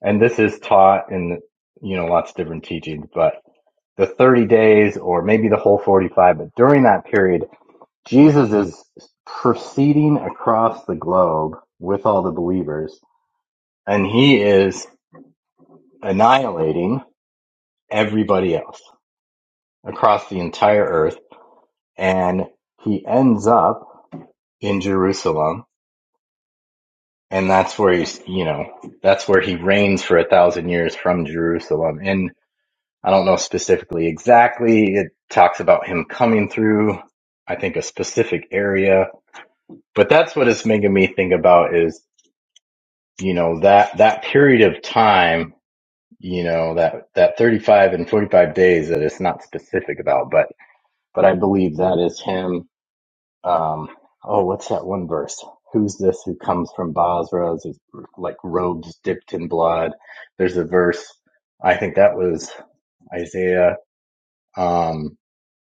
S6: and this is taught in you know lots of different teachings but the 30 days or maybe the whole 45 but during that period jesus is proceeding across the globe with all the believers and he is annihilating everybody else across the entire earth and he ends up in jerusalem and that's where he's you know that's where he reigns for a thousand years from jerusalem and I don't know specifically exactly. It talks about him coming through, I think a specific area, but that's what it's making me think about is, you know, that, that period of time, you know, that, that 35 and 45 days that it's not specific about, but, but I believe that is him. Um, oh, what's that one verse? Who's this who comes from Basra? Is like robes dipped in blood. There's a verse. I think that was Isaiah. Um,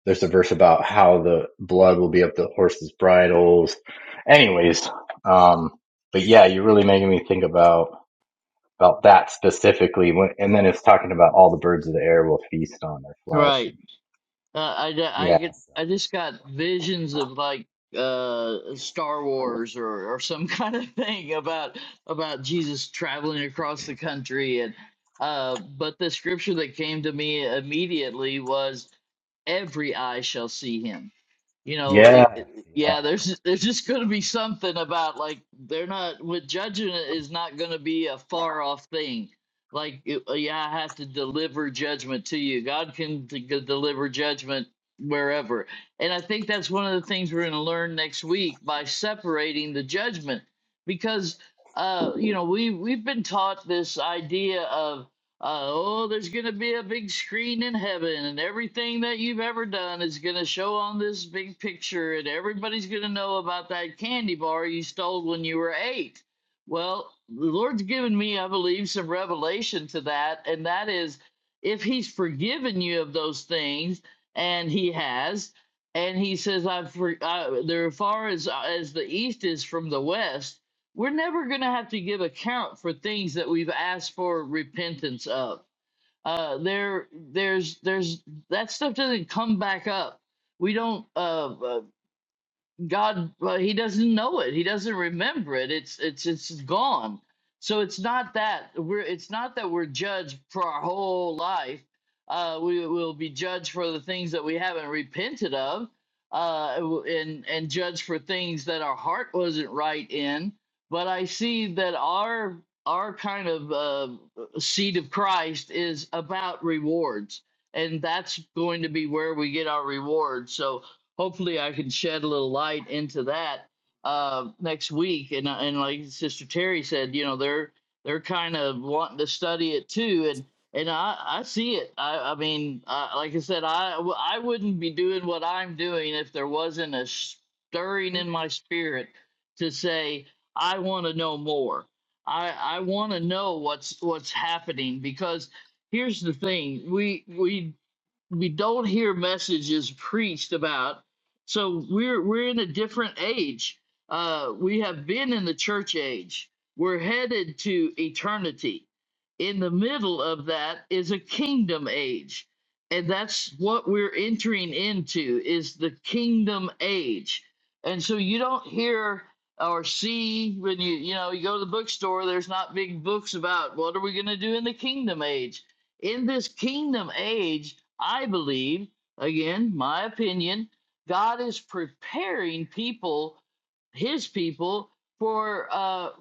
S6: there's a verse about how the blood will be up the horse's bridles. Anyways, um, but yeah, you're really making me think about about that specifically. When, and then it's talking about all the birds of the air will feast on their flesh.
S1: right.
S6: And
S1: Uh, I, ju- I
S6: yeah,
S1: get
S6: so-
S1: I just got visions of like uh Star Wars or or some kind of thing about about Jesus traveling across the country and uh but the scripture that came to me immediately was every eye shall see him you know it, it-
S6: yeah,
S1: yeah there's there's just going to be something about like they're not with judging it is not going to be a far off thing like it- uh, yeah i have to deliver judgment to you god can d- g- deliver judgment wherever and i think that's one of the things we're going to learn next week by separating the judgment because uh you know we we've been taught this idea of uh, oh, there's going to be a big screen in heaven, and everything that you've ever done is going to show on this big picture, and everybody's going to know about that candy bar you stole when you were eight. Well, the Lord's given me, I believe, some revelation to that, and that is if He's forgiven you of those things, and He has, and He says, "I've for, uh, they're far as as the east is from the west." we're never going to have to give account for things that we've asked for repentance of. Uh, there, there's, there's that stuff doesn't come back up. We don't. Uh, uh, God, uh, he doesn't know it. He doesn't remember it. It's it's it's gone. So it's not that we're it's not that we're judged for our whole life. Uh, we will be judged for the things that we haven't repented of, uh, and and judged for things that our heart wasn't right in. But I see that our our kind of uh, seed of Christ is about rewards, and that's going to be where we get our rewards. So hopefully I can shed a little light into that uh, next week. And uh, and like Sister Terry said, you know, they're they're kind of wanting to study it too, and and I I see it. I I mean, uh, like I said, I I w- I wouldn't be doing what I'm doing if there wasn't a stirring in my spirit to say I want to know more. I I want to know what's what's happening because here's the thing we we we don't hear messages preached about. So we're we're in a different age. Uh, we have been in the church age. We're headed to eternity. In the middle of that is a kingdom age, and that's what we're entering into is the kingdom age. And so you don't hear or see when you you know you go to the bookstore. There's not big books about what are we going to do in the kingdom age in this kingdom age, I believe, again, my opinion, God is preparing people, his people, for uh,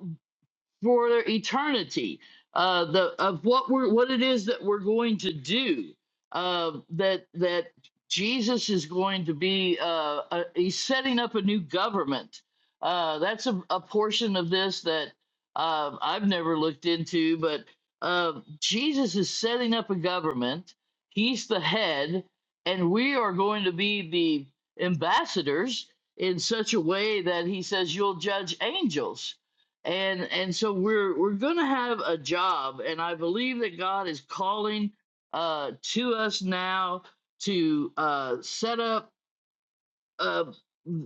S1: for eternity uh, the of what we're what it is that we're going to do uh, that that Jesus is going to be uh, uh, he's setting up a new government uh, that's a, a portion of this that uh, I've never looked into but uh, Jesus is setting up a government he's the head and we are going to be the ambassadors in such a way that he says you'll judge angels and and so we're we're gonna have a job and i believe that god is calling uh to us now to uh set up uh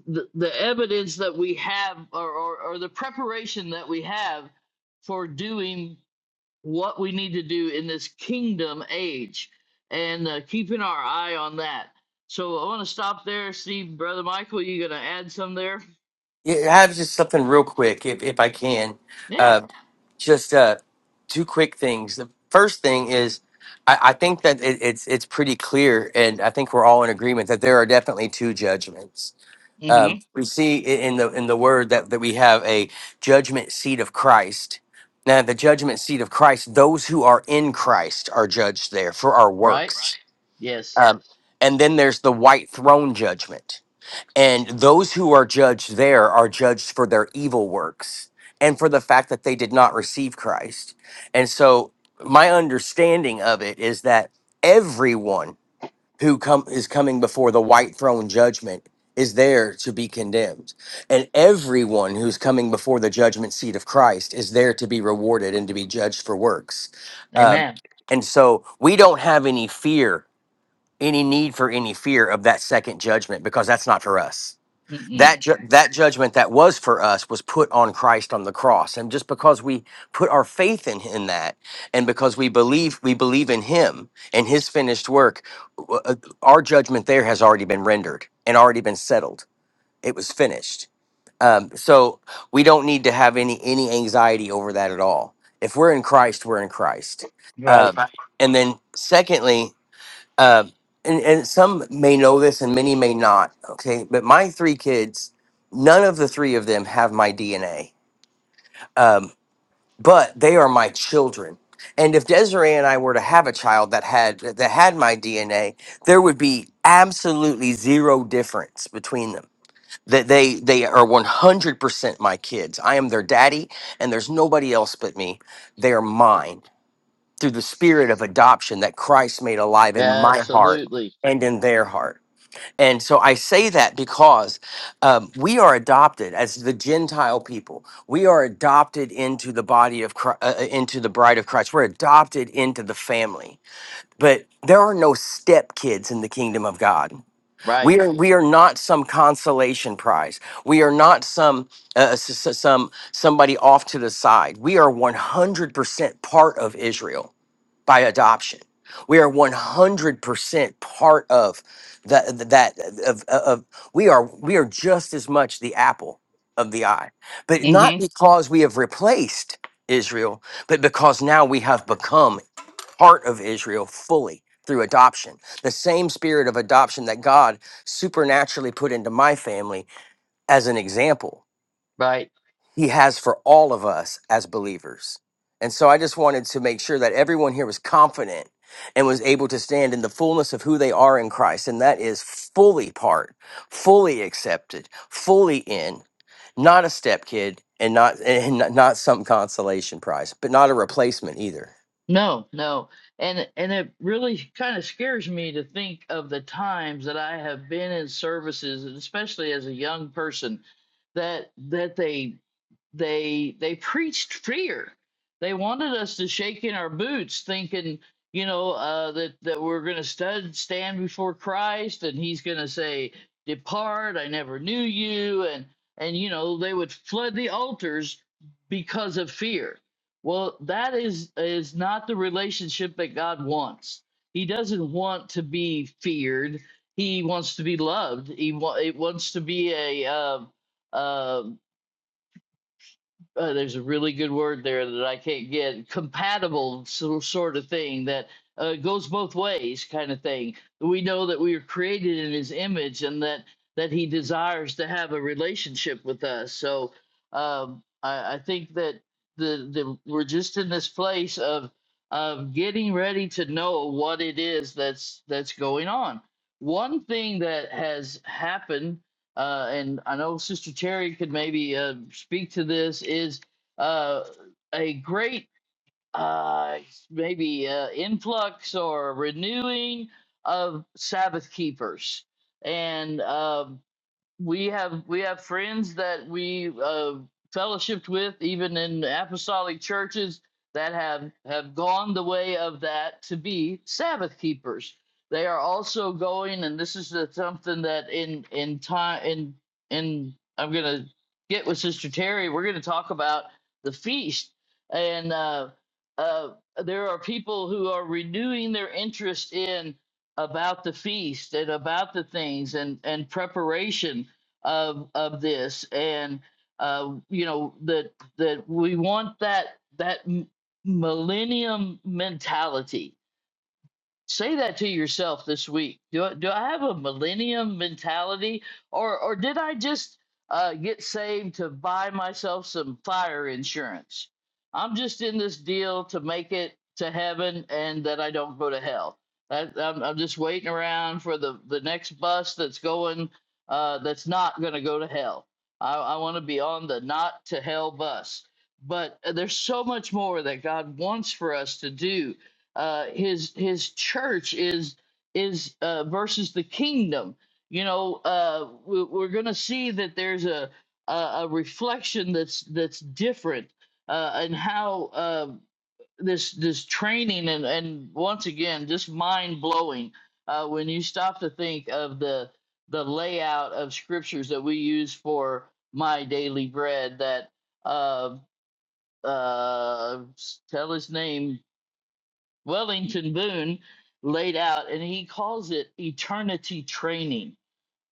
S1: the, the evidence that we have or, or or the preparation that we have for doing what we need to do in this kingdom age and uh, keeping our eye on that so i want to stop there steve brother michael you gonna add some there
S3: Yeah, I have just something real quick, if if I can.
S1: yeah
S3: Uh, just uh, two quick things. The first thing is, I, I think that it, it's it's pretty clear, and I think we're all in agreement that there are definitely two judgments. Um,
S1: mm-hmm
S3: we see i- in the in the word that, that we have a judgment seat of Christ. Now, at the judgment seat of Christ, those who are in Christ are judged there for our
S1: right
S3: works.
S1: yes
S3: Um, and then there's the white throne judgment. And those who are judged there are judged for their evil works and for the fact that they did not receive Christ. And so my understanding of it is that everyone who come is coming before the white throne judgment is there to be condemned. And everyone who's coming before the judgment seat of Christ is there to be rewarded and to be judged for works. Um,
S1: amen
S3: and so we don't have any fear, any need for any fear of that second judgment because that's not for us
S1: Mm-mm.
S3: that ju- that judgment that was for us was put on Christ on the cross and just because we put our faith in in that and because we believe we believe in him and his finished work w- uh, our judgment there has already been rendered and already been settled it was finished um, so we don't need to have any any anxiety over that at all if we're in Christ we're in Christ um,
S1: Right.
S3: Right. and then secondly um, and, and some may know this and many may not, okay? But my three kids, none of the three of them have my DNA, um, but they are my children. And if Desiree and I were to have a child that had that had my DNA, there would be absolutely zero difference between them. That they they are one hundred percent my kids. I am their daddy, and there's nobody else but me. They are mine through the spirit of adoption that Christ made alive in my heart
S1: Absolutely.
S3: and in their heart. And so I say that because um, we are adopted as the Gentile people. We are adopted into the body of Christ, uh, uh, into the bride of Christ. We're adopted into the family. But there are no step kids in the kingdom of God.
S1: Right.
S3: We are we are not some consolation prize. We are not some uh, s- s- some somebody off to the side. We are 100% part of Israel by adoption. We are 100% part of that that of, of we are we are just as much the apple of the eye. But not
S1: hmm
S3: because we have replaced Israel, but because now we have become part of Israel fully through adoption. The same spirit of adoption that God supernaturally put into my family as an example
S1: Right.
S3: he has for all of us as believers. And so I just wanted to make sure that everyone here was confident and was able to stand in the fullness of who they are in Christ. And that is fully part, fully accepted, fully in. Not a step kid, and not and not not some consolation prize, but not a replacement either.
S1: No, no. And and it really kind of scares me to think of the times that I have been in services, and especially as a young person, that that they they they preached fear. They wanted us to shake in our boots, thinking, you know, uh, that that we're going to stand stand before Christ, and He's going to say, "Depart, I never knew you," and and you know they would flood the altars because of fear. Well, that is is not the relationship that God wants. He doesn't want to be feared. He wants to be loved. He wa- it wants to be a uh, uh, uh, there's a really good word there that I can't get compatible so, sort of thing that uh, goes both ways kind of thing. We know that we are created in His image and that that He desires to have a relationship with us. So um, I, I think that the the we're just in this place of of getting ready to know what it is that's that's going on. One thing that has happened uh, and I know Sister Terry could maybe uh, speak to this, is uh, a great uh, maybe uh, influx or renewing of Sabbath keepers. And uh, we have we have friends that we uh, fellowshipped with even in apostolic churches that have have gone the way of that to be sabbath keepers they are also going and this is something that in in time in in i'm gonna get with sister terry we're gonna talk about the feast and uh uh there are people who are renewing their interest in about the feast and about the things and and preparation of of this and uh, you know that that we want that that m- millennium mentality say that to yourself this week. Do I, do I have a millennium mentality, or or did I just uh, get saved to buy myself some fire insurance? I'm just in this deal to make it to heaven and that I don't go to hell. That, I'm, I'm just waiting around for the the next bus that's going uh, that's not going to go to hell. I, I want to be on the not to hell bus. But uh, there's so much more that God wants for us to do uh his his church is is uh versus the kingdom you know uh we- we're gonna see that there's a a, a reflection that's that's different uh and how uh this this training and and once again just mind blowing uh when you stop to think of the the layout of scriptures that we use for my daily bread that uh uh s- tell his name Wellington Boone laid out, and he calls it eternity training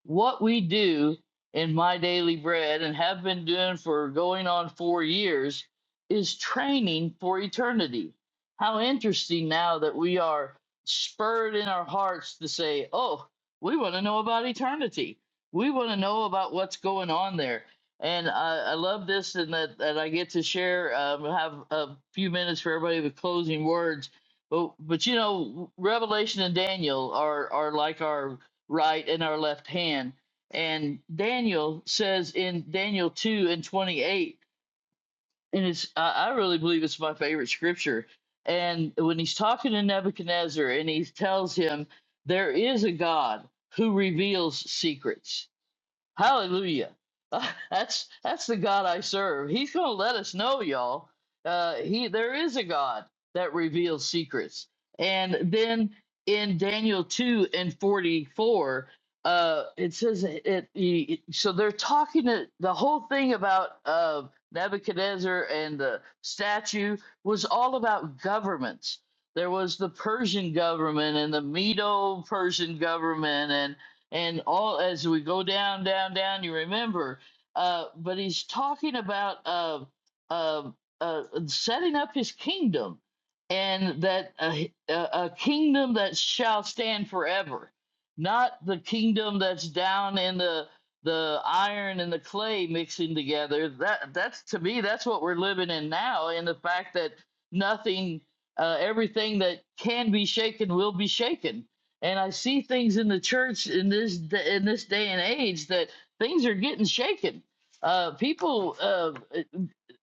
S1: what we do in my daily bread and have been doing for going on four years is training for eternity. How interesting now that we are spurred in our hearts to say, oh, we want to know about eternity. We want to know about what's going on there. And I, I love this, and that, that I get to share, um, have a few minutes for everybody with closing words. But, but you know, Revelation and Daniel are, are like our right and our left hand. And Daniel says in Daniel 2 and 28, and it's I, I really believe it's my favorite scripture. And when he's talking to Nebuchadnezzar and he tells him, There is a God who reveals secrets Hallelujah. Uh, That's that's the God I serve. He's going to let us know, y'all. Uh, he there is a God that reveals secrets. And then in Daniel 2 and 44, uh, it says it, it, it- so they're talking to, the whole thing about uh, Nebuchadnezzar and the statue was all about governments. There was the Persian government and the Medo-Persian government and all as we go down, down, down, you remember. Uh, but he's talking about uh, uh, uh, setting up his kingdom, and that uh, h- a, a kingdom that shall stand forever, not the kingdom that's down in the the iron and the clay mixing together. That that's to me that's what we're living in now, In the fact that nothing, uh, everything that can be shaken will be shaken and I see things in the church in this d- in this day and age that things are getting shaken. Uh, people, uh,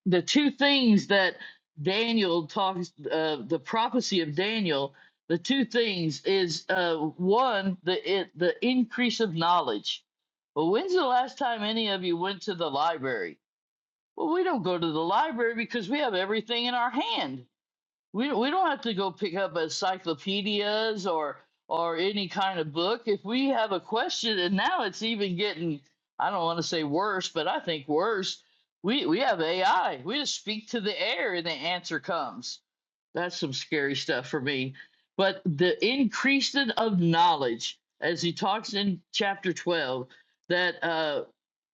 S1: the two things that Daniel talks, uh, the prophecy of Daniel, the two things is uh, one the it, the increase of knowledge. Well, when's the last time any of you went to the library? Well, we don't go to the library because we have everything in our hand we we don't have to go pick up encyclopedias or or any kind of book. If we have a question, and now it's even getting I don't want to say worse, but I think worse. We we have AI. We just speak to the air and the answer comes. That's some scary stuff for me. But the increasing of knowledge, as he talks in chapter twelve, that uh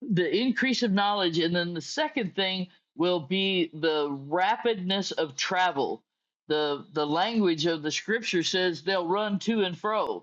S1: the increase of knowledge, and then the second thing will be the rapidness of travel the the language of the scripture says they'll run to and fro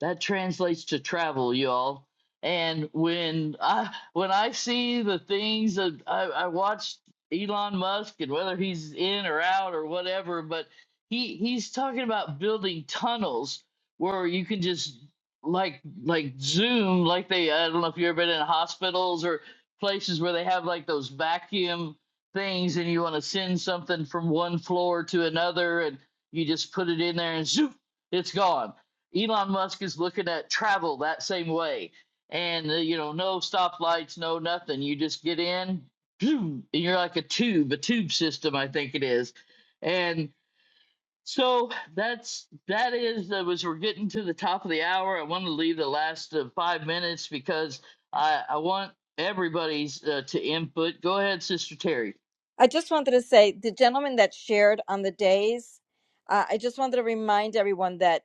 S1: that translates to travel y'all and when i when i see the things that I, I watched elon musk and whether he's in or out or whatever but he he's talking about building tunnels where you can just like like zoom like they i don't know if you've ever been in hospitals or places where they have like those vacuum things and you want to send something from one floor to another and you just put it in there and zoom it's gone Elon Musk is looking at travel that same way. And, uh, you know, no stoplights, no nothing. You just get in, and you're like a tube, a tube system, I think it is. And so that's, that is, that was, we're getting to the top of the hour. I want to leave the last uh, five minutes because I, I want everybody's uh, to input. Go ahead, Sister Terry.
S4: I just wanted to say the gentleman that shared on the days, uh, I just wanted to remind everyone that.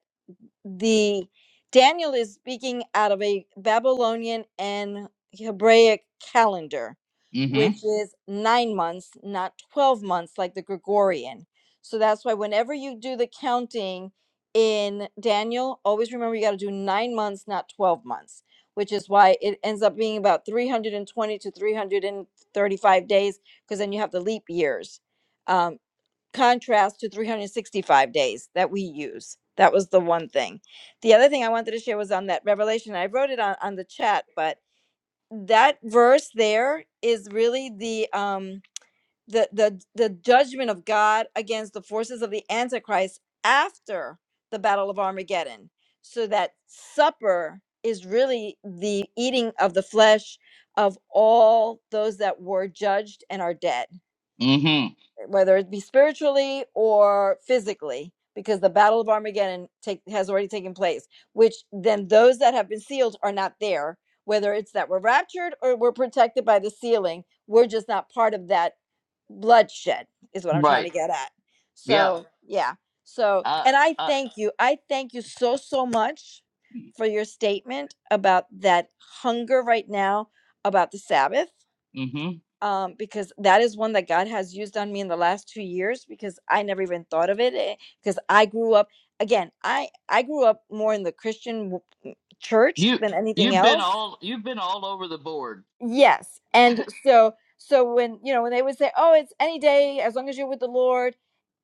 S4: the Daniel is speaking out of a Babylonian and Hebraic calendar,
S1: Mm-hmm.
S4: which Mhm. is nine months, not 12 months like the Gregorian. So that's why whenever you do the counting in Daniel, always remember you got to do nine months, not 12 months, which is why it ends up being about 320 to 335 days, because then you have the leap years. Um, contrast to 365 days that we use. That was the one thing. The other thing I wanted to share was on that revelation. I wrote it on, on the chat, but that verse there is really the um the the the judgment of God against the forces of the antichrist after the battle of Armageddon. So that supper is really the eating of the flesh of all those that were judged and are dead
S1: Mm-hmm.
S4: whether it be spiritually or physically, because the battle of Armageddon take, has already taken place, which then those that have been sealed are not there, whether it's that we're raptured or we're protected by the sealing, we're just not part of that bloodshed, is what I'm trying to
S1: Right.
S4: get at.
S1: Yeah.
S4: So, yeah. So,
S1: Uh,
S4: and I
S1: uh,
S4: thank you. I thank you so, so much for your statement about that hunger right now about the Sabbath
S1: mm-hmm.
S4: um, because that is one that God has used on me in the last two years because I never even thought of it because I grew up again I I grew up more in the Christian w- church
S1: You,
S4: than anything
S1: You've been
S4: else
S1: all you've been all over the board.
S4: Yes. And so so when you know when they would say, "Oh, it's any day as long as you're with the Lord."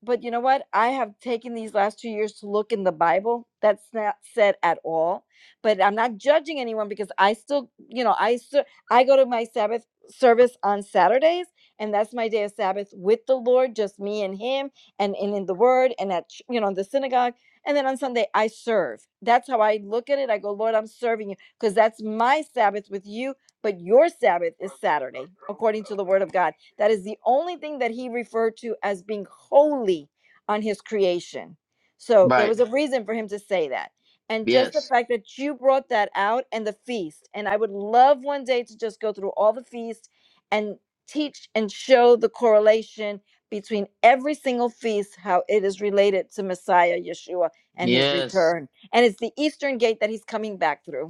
S4: But you know what? I have taken these last 2 years to look in the Bible. That's not said at all. But I'm not judging anyone because I still, you know, I still I go to my Sabbath service on Saturdays, and that's my day of Sabbath with the Lord, just me and him and, and in the word and at ch- you know, the synagogue. And then on Sunday I serve. That's how I look at it. I go, "Lord, I'm serving you because that's my Sabbath with you but your Sabbath is Saturday, according to the word of God. That is the only thing that he referred to as being holy on his creation. So there
S1: Right.
S4: was a reason for him to say that. And just the
S1: Yes.
S4: fact that you brought that out and the feast. And I would love one day to just go through all the feasts and teach and show the correlation between every single feast, how it is related to Messiah, Yeshua, and his
S1: Yes.
S4: return. And it's the Eastern gate that he's coming back through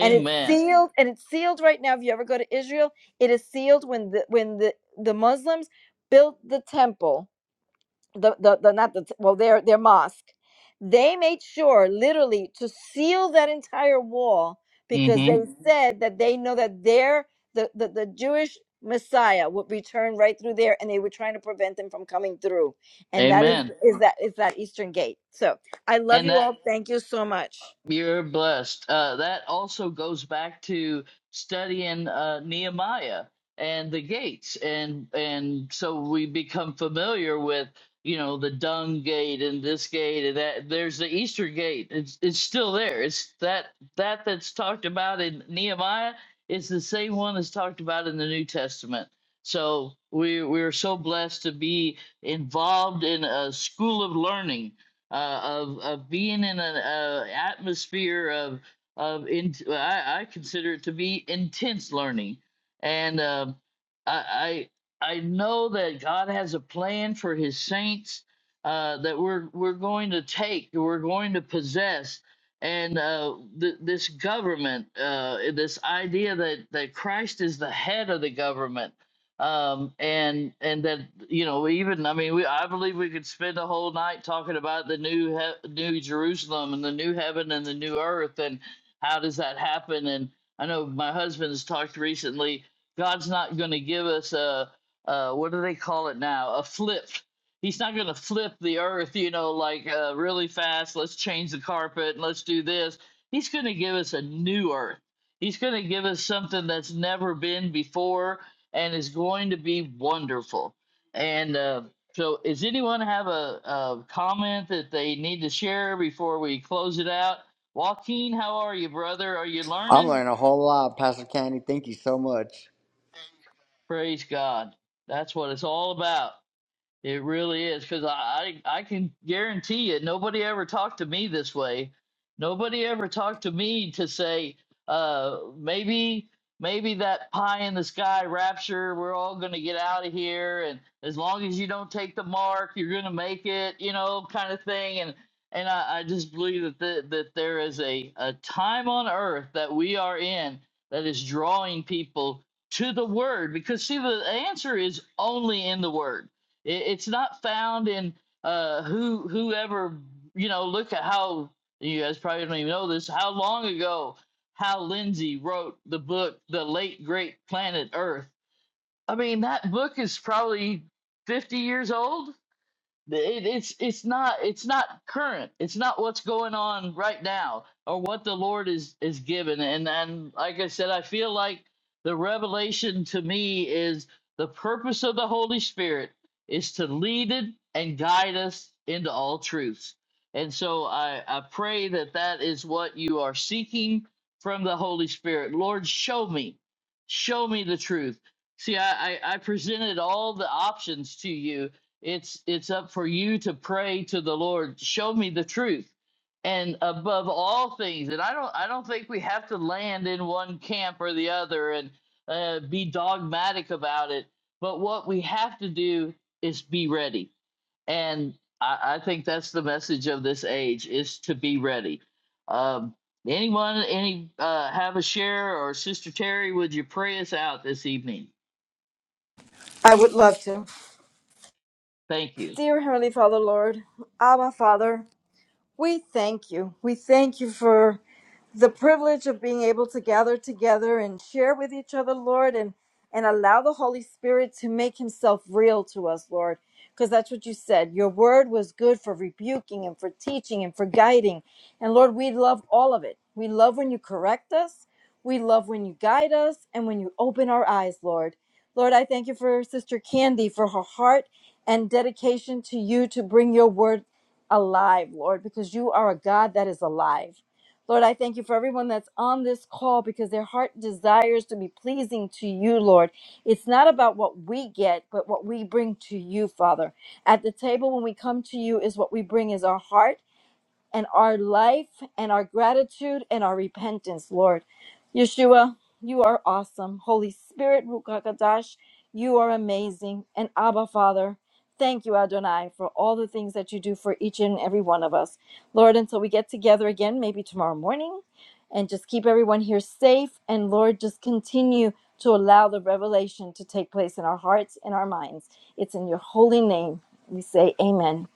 S4: and it's sealed and it's sealed right now if you ever go to israel it is sealed when the when the the muslims built the temple the the, the not the t- well their their mosque they made sure literally to seal that entire wall because they
S1: Mm-hmm.
S4: Mhm. said that they know that their the, the the jewish messiah would return right through there and they were trying to prevent them from coming through and that is
S1: Amen.
S4: is that is that eastern gate so i love
S1: And
S4: you
S1: that
S4: all thank you so much
S1: You're blessed. Uh, that also goes back to studying uh, Nehemiah and the gates, and and so we become familiar with you know the dung gate and this gate and that. There's the Easter gate. It's it's still there. It's that that that's talked about in Nehemiah is the same one that's talked about in the New Testament. So we we are so blessed to be involved in a school of learning uh, of of being in an uh, atmosphere of of in, I, I consider it to be intense learning, and um I, I I know that God has a plan for His saints uh, that we're we're going to take, we're going to possess, and uh, th- this government, uh, this idea that that Christ is the head of the government um and and that you know even i mean we i believe we could spend a whole night talking about the new he- new jerusalem and the new heaven and the new earth and how does that happen and i know my husband has talked recently god's not going to give us a, a what do they call it now a flip he's not going to flip the earth you know like uh, really fast let's change the carpet and let's do this he's going to give us a new earth he's going to give us something that's never been before and it's going to be wonderful. And uh, so, does anyone have a, a comment that they need to share before we close it out? Joaquin, how are you, brother? Are you
S7: I'm
S1: learning?
S7: learning a whole lot, Pastor Candy. Thank you so much.
S1: Praise God. That's what it's all about. It really is because I, I I can guarantee you nobody ever talked to me this way. Nobody ever talked to me to say uh, maybe maybe that pie in the sky rapture we're all going to get out of here and as long as you don't take the mark you're going to make it you know kind of thing and and I, I just believe that the, that there is a, a time on earth that we are in that is drawing people to the word because see the answer is only in the word it, it's not found in uh, who whoever you know. Look at how you guys probably don't even know this. How long ago Hal Lindsey wrote the book "The Late Great Planet Earth"? I mean, that book is probably fifty years old. It, it's it's not it's not current. It's not what's going on right now or what the Lord is is given. And and like I said, I feel like the revelation to me is the purpose of the Holy Spirit is to lead it and guide us into all truths. And so I I pray that that is what you are seeking from the Holy Spirit. Lord, show me, show me the truth. See, I I, I presented all the options to you it's it's up for you to pray to the Lord, show me the truth. And above all things, and I don't I don't think we have to land in one camp or the other and uh, be dogmatic about it. But what we have to do is be ready. And I, I think that's the message of this age is to be ready. Um, anyone any uh, have a share or Sister Terry, would you pray us out this evening?
S4: I would love to.
S1: Thank you.
S4: Dear Heavenly Father, Lord, Abba Father, we thank you. We thank you for the privilege of being able to gather together and share with each other, Lord, and and allow the Holy Spirit to make himself real to us, Lord, because that's what you said. Your word was good for rebuking and for teaching and for guiding. And Lord, we love all of it. We love when you correct us. We love when you guide us and when you open our eyes, Lord. Lord, I thank you for Sister Candy for her heart and dedication to you to bring your word alive, Lord, because you are a God that is alive. Lord, I thank you for everyone that's on this call because their heart desires to be pleasing to you, Lord. It's not about what we get, but what we bring to you, Father. At the table, when we come to you, is what we bring is our heart and our life and our gratitude and our repentance, Lord. Yeshua, you are awesome. Holy Spirit, Rukakadash, you are amazing. And Abba, Father, thank you, Adonai, for all the things that you do for each and every one of us. Lord, until we get together again, maybe tomorrow morning, and just keep everyone here safe. And Lord, just continue to allow the revelation to take place in our hearts and our minds. It's in your holy name we say amen.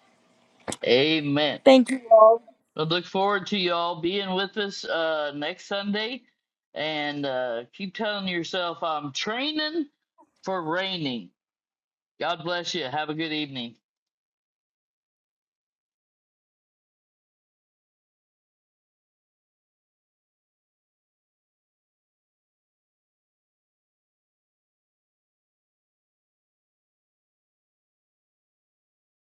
S1: Amen.
S4: Thank you all.
S1: But look forward to y'all being with us uh, next Sunday. And uh, keep telling yourself, I'm training for raining. God bless you. Have a good evening.